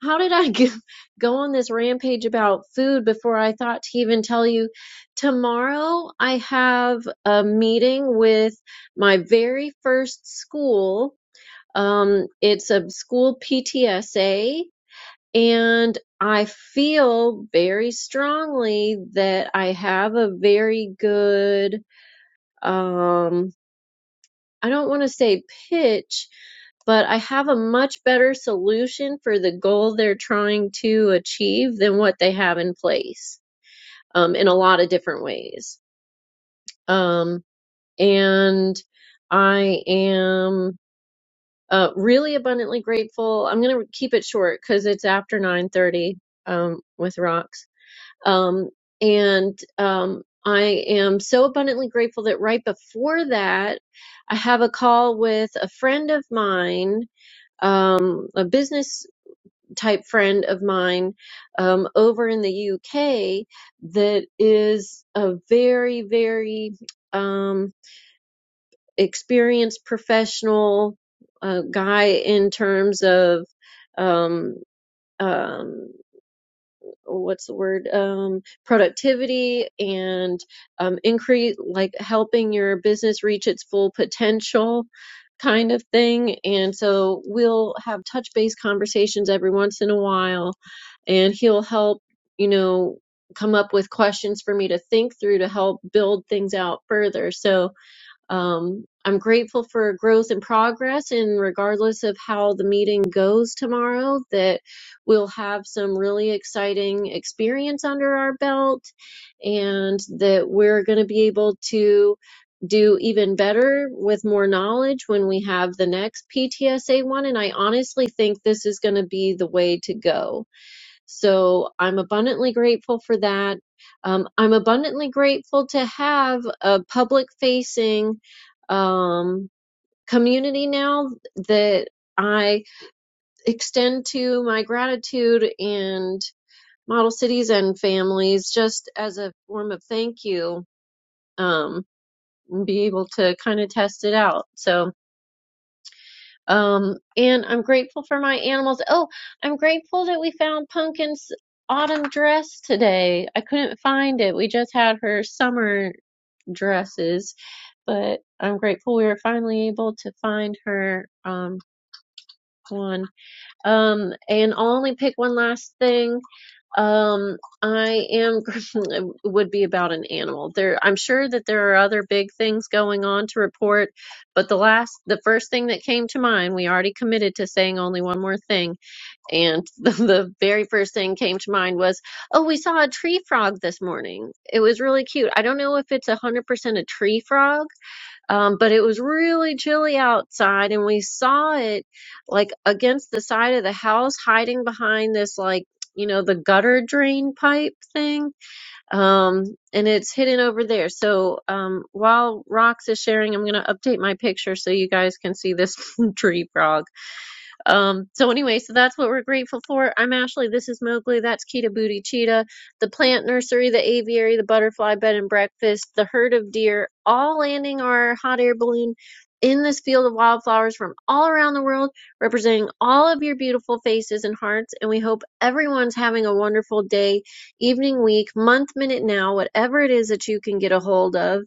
Speaker 2: How did I go, go on this rampage about food before I thought to even tell you? Tomorrow I have a meeting with my very first school. Um, it's a school PTSA and I feel very strongly that I have a very good, um I don't want to say pitch, but I have a much better solution for the goal they're trying to achieve than what they have in place um, in a lot of different ways. Um, and I am uh, really abundantly grateful. I'm going to keep it short because it's after 9:30 um, with rocks. Um, and um, I am so abundantly grateful that right before that, I have a call with a friend of mine um, a business type friend of mine um, over in the UK that is a very, very um, experienced professional uh, guy in terms of um, um, what's the word um, productivity and um, increase like helping your business reach its full potential kind of thing and so we'll have touch base conversations every once in a while and he'll help you know come up with questions for me to think through to help build things out further so um, I'm grateful for growth and progress, and regardless of how the meeting goes tomorrow, that we'll have some really exciting experience under our belt, and that we're going to be able to do even better with more knowledge when we have the next PTSA one. And I honestly think this is going to be the way to go so I'm abundantly grateful for that. Um, I'm abundantly grateful to have a public facing um, community now that I extend to my gratitude and model cities and families just as a form of thank you um, and be able to kind of test it out. So Um, and I'm grateful for my animals. Oh, I'm grateful that we found Pumpkin's autumn dress today. I couldn't find it. We just had her summer dresses, but I'm grateful we were finally able to find her um one. Um, and I'll only pick one last thing. Um, I am it would be about an animal. There, I'm sure that there are other big things going on to report, but the last, the first thing that came to mind, we already committed to saying only one more thing, and the, the very first thing came to mind was, oh, we saw a tree frog this morning. It was really cute. I don't know if it's a hundred percent a tree frog um, but it was really chilly outside, and we saw it like against the side of the house, hiding behind this like you know the gutter drain pipe thing, um, and it's hidden over there. So um, while Rox is sharing, I'm gonna update my picture so you guys can see this tree frog. Um, so anyway, so that's what we're grateful for. I'm Ashley. This is Mowgli. That's Kita Booty Cheetah. The plant nursery, the aviary, the butterfly bed and breakfast, the herd of deer, all landing our hot air balloon in this field of wildflowers from all around the world, representing all of your beautiful faces and hearts. And we hope everyone's having a wonderful day, evening, week, month, minute, now, whatever it is that you can get a hold of.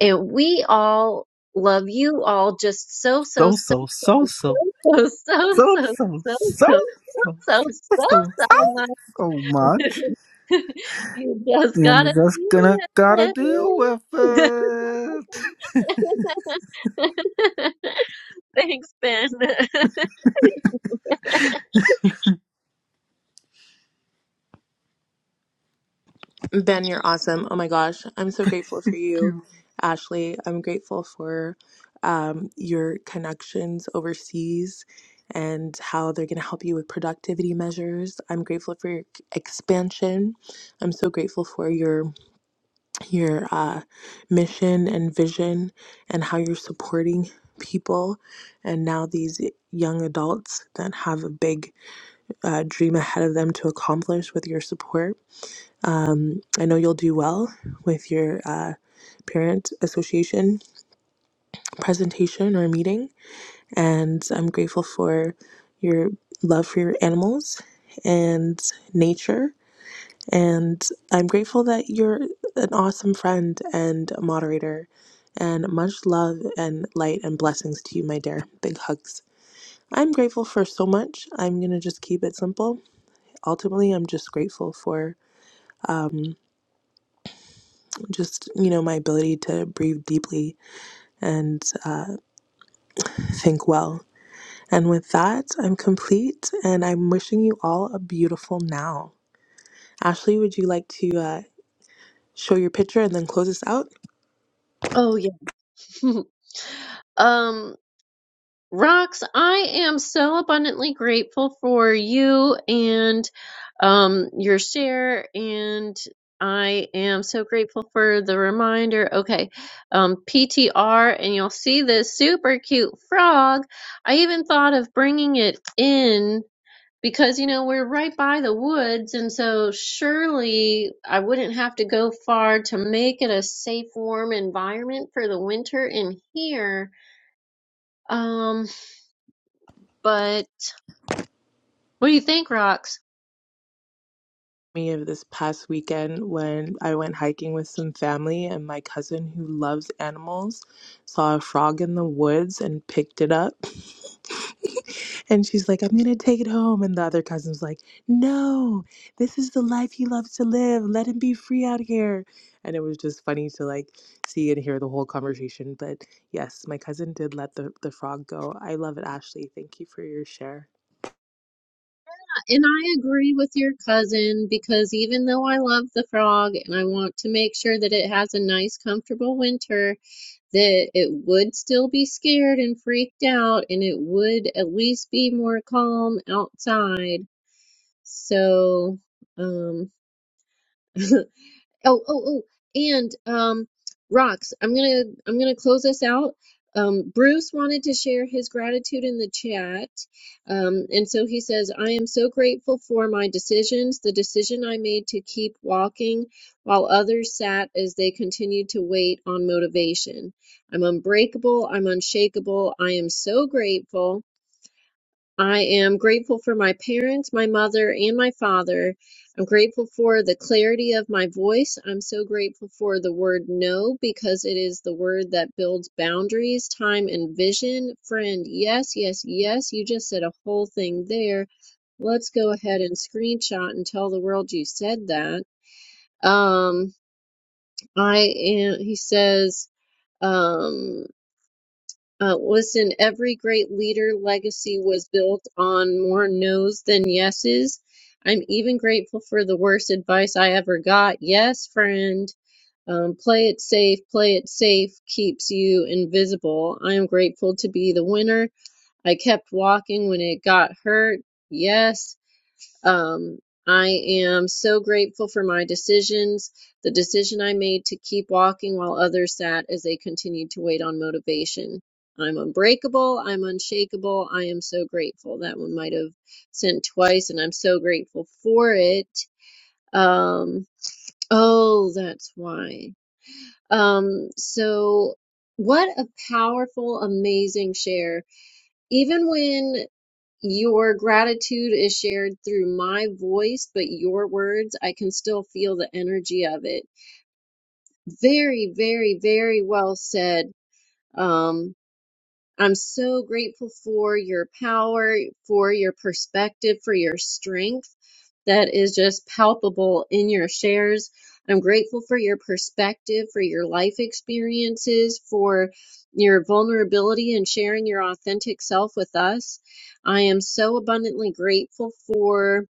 Speaker 2: And we all love you all just so, so,
Speaker 5: So so so so
Speaker 2: so so
Speaker 5: so
Speaker 2: so
Speaker 5: so
Speaker 2: so
Speaker 5: so
Speaker 2: so
Speaker 5: so
Speaker 2: so so
Speaker 5: so
Speaker 2: so much.
Speaker 5: so much.
Speaker 2: You just
Speaker 5: And
Speaker 2: gotta
Speaker 5: you're just
Speaker 2: feel
Speaker 5: gonna gotta
Speaker 2: it.
Speaker 5: deal with it.
Speaker 2: Thanks, Ben.
Speaker 4: Ben, you're awesome. Oh my gosh, I'm so grateful for you,
Speaker 5: Yeah.
Speaker 4: Ashley. I'm grateful for um, your connections overseas and how they're going to help you with productivity measures. I'm grateful for your expansion. I'm so grateful for your your uh, mission and vision and how you're supporting people and now these young adults that have a big uh, dream ahead of them to accomplish with your support. Um, I know you'll do well with your uh, parent association presentation or meeting, and I'm grateful for your love for your animals and nature. And I'm grateful that you're an awesome friend and moderator. And much love and light and blessings to you, my dear. Big hugs. I'm grateful for so much. I'm going to just keep it simple. Ultimately, I'm just grateful for um, just you know my ability to breathe deeply and uh, think well and with that i'm complete and i'm wishing you all a beautiful now ashley would you like to uh, show your picture and then close us out
Speaker 2: Oh yeah. Um. Rox, I am so abundantly grateful for you and um, your share, and I am so grateful for the reminder. Okay, um, PTR, and you'll see this super cute frog. I even thought of bringing it in because you know we're right by the woods, and so surely I wouldn't have to go far to make it a safe, warm environment for the winter in here. Um, but What do you think, Rox?
Speaker 4: me of this past weekend when I went hiking with some family, and my cousin, who loves animals, saw a frog in the woods and picked it up. and she's like, I'm going to take it home. And the other cousin's like, No, this is the life he loves to live. Let him be free out here. And it was just funny to like see and hear the whole conversation. But yes, my cousin did let the, the frog go. I love it, Ashley. Thank you for your share.
Speaker 2: And I agree with your cousin because even though I love the frog and I want to make sure that it has a nice, comfortable winter, that it would still be scared and freaked out and it would at least be more calm outside. So, um. Oh, oh, oh, and um, rocks. I'm gonna I'm gonna close us out. Um, Bruce wanted to share his gratitude in the chat, um, and so he says, "I am so grateful for my decisions. The decision I made to keep walking, while others sat as they continued to wait on motivation. I'm unbreakable. I'm unshakable. I am so grateful." I am grateful for my parents, my mother, and my father. I'm grateful for the clarity of my voice. I'm so grateful for the word no because it is the word that builds boundaries, time, and vision. Friend, yes, yes, yes. You just said a whole thing there. Let's go ahead and screenshot and tell the world you said that. Um, I am, he says, um, uh, listen, every great leader legacy was built on more no's than yeses. I'm even grateful for the worst advice I ever got. Yes, friend. Um, play it safe, play it safe keeps you invisible. I am grateful to be the winner. I kept walking when it got hurt. Yes, um, I am so grateful for my decisions, the decision I made to keep walking while others sat as they continued to wait on motivation. I'm unbreakable. I'm unshakable. I am so grateful. That one might have sent twice, and I'm so grateful for it. Um, oh, that's why. Um, so what a powerful, amazing share. Even when your gratitude is shared through my voice, but your words, I can still feel the energy of it. Very, very, very well said. Um, I'm so grateful for your power, for your perspective, for your strength that is just palpable in your shares. I'm grateful for your perspective, for your life experiences, for your vulnerability and sharing your authentic self with us. I am so abundantly grateful for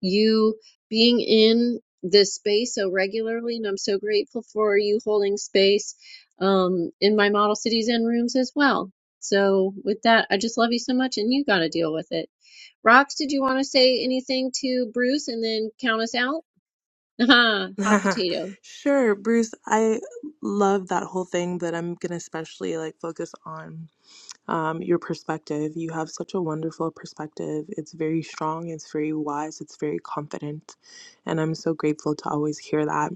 Speaker 2: you being in this space so regularly, and I'm so grateful for you holding space um, in my model cities and rooms as well. So, with that, I just love you so much, and you got to deal with it. Rox, did you want to say anything to Bruce and then count us out? hot potato.
Speaker 4: Sure, Bruce. I love that whole thing, but I'm gonna especially like focus on um, your perspective. You have such a wonderful perspective. It's very strong, it's very wise, it's very confident, and I'm so grateful to always hear that.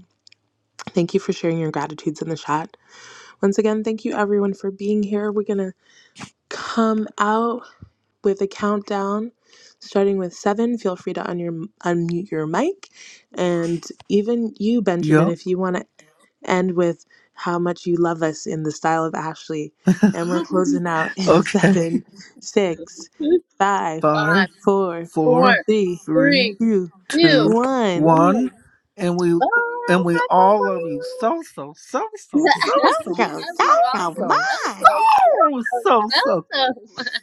Speaker 4: Thank you for sharing your gratitudes in the chat. Once again, thank you everyone for being here. We're gonna come out with a countdown starting with seven. Feel free to un- your, unmute your mic. And even you, Benjamin,
Speaker 5: Yup.
Speaker 4: if you want to end with how much you love us in the style of Ashley. And we're closing out in
Speaker 5: Okay.
Speaker 4: seven, six, five,
Speaker 5: Five,
Speaker 2: Five,
Speaker 4: four,
Speaker 2: four,
Speaker 5: four,
Speaker 4: three,
Speaker 2: three,
Speaker 5: three,
Speaker 4: two,
Speaker 2: two,
Speaker 5: two,
Speaker 4: one.
Speaker 2: one.
Speaker 5: one. And we
Speaker 2: Bye.
Speaker 5: and we
Speaker 2: Bye. Bye.
Speaker 5: all love you
Speaker 2: Bye.
Speaker 5: so so so so so
Speaker 4: Don't
Speaker 5: so so
Speaker 4: you,
Speaker 2: Everyone
Speaker 4: your
Speaker 2: just
Speaker 5: so
Speaker 2: so,
Speaker 4: mind?
Speaker 2: so,
Speaker 5: so so
Speaker 2: so,
Speaker 5: so
Speaker 2: so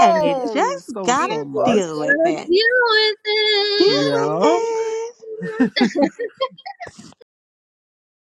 Speaker 4: And you just
Speaker 5: so
Speaker 2: You
Speaker 4: gotta
Speaker 5: so much.
Speaker 2: just
Speaker 4: deal with
Speaker 2: gotta
Speaker 4: it.
Speaker 2: deal with
Speaker 4: Deal with
Speaker 5: Yeah.
Speaker 4: it.
Speaker 2: it.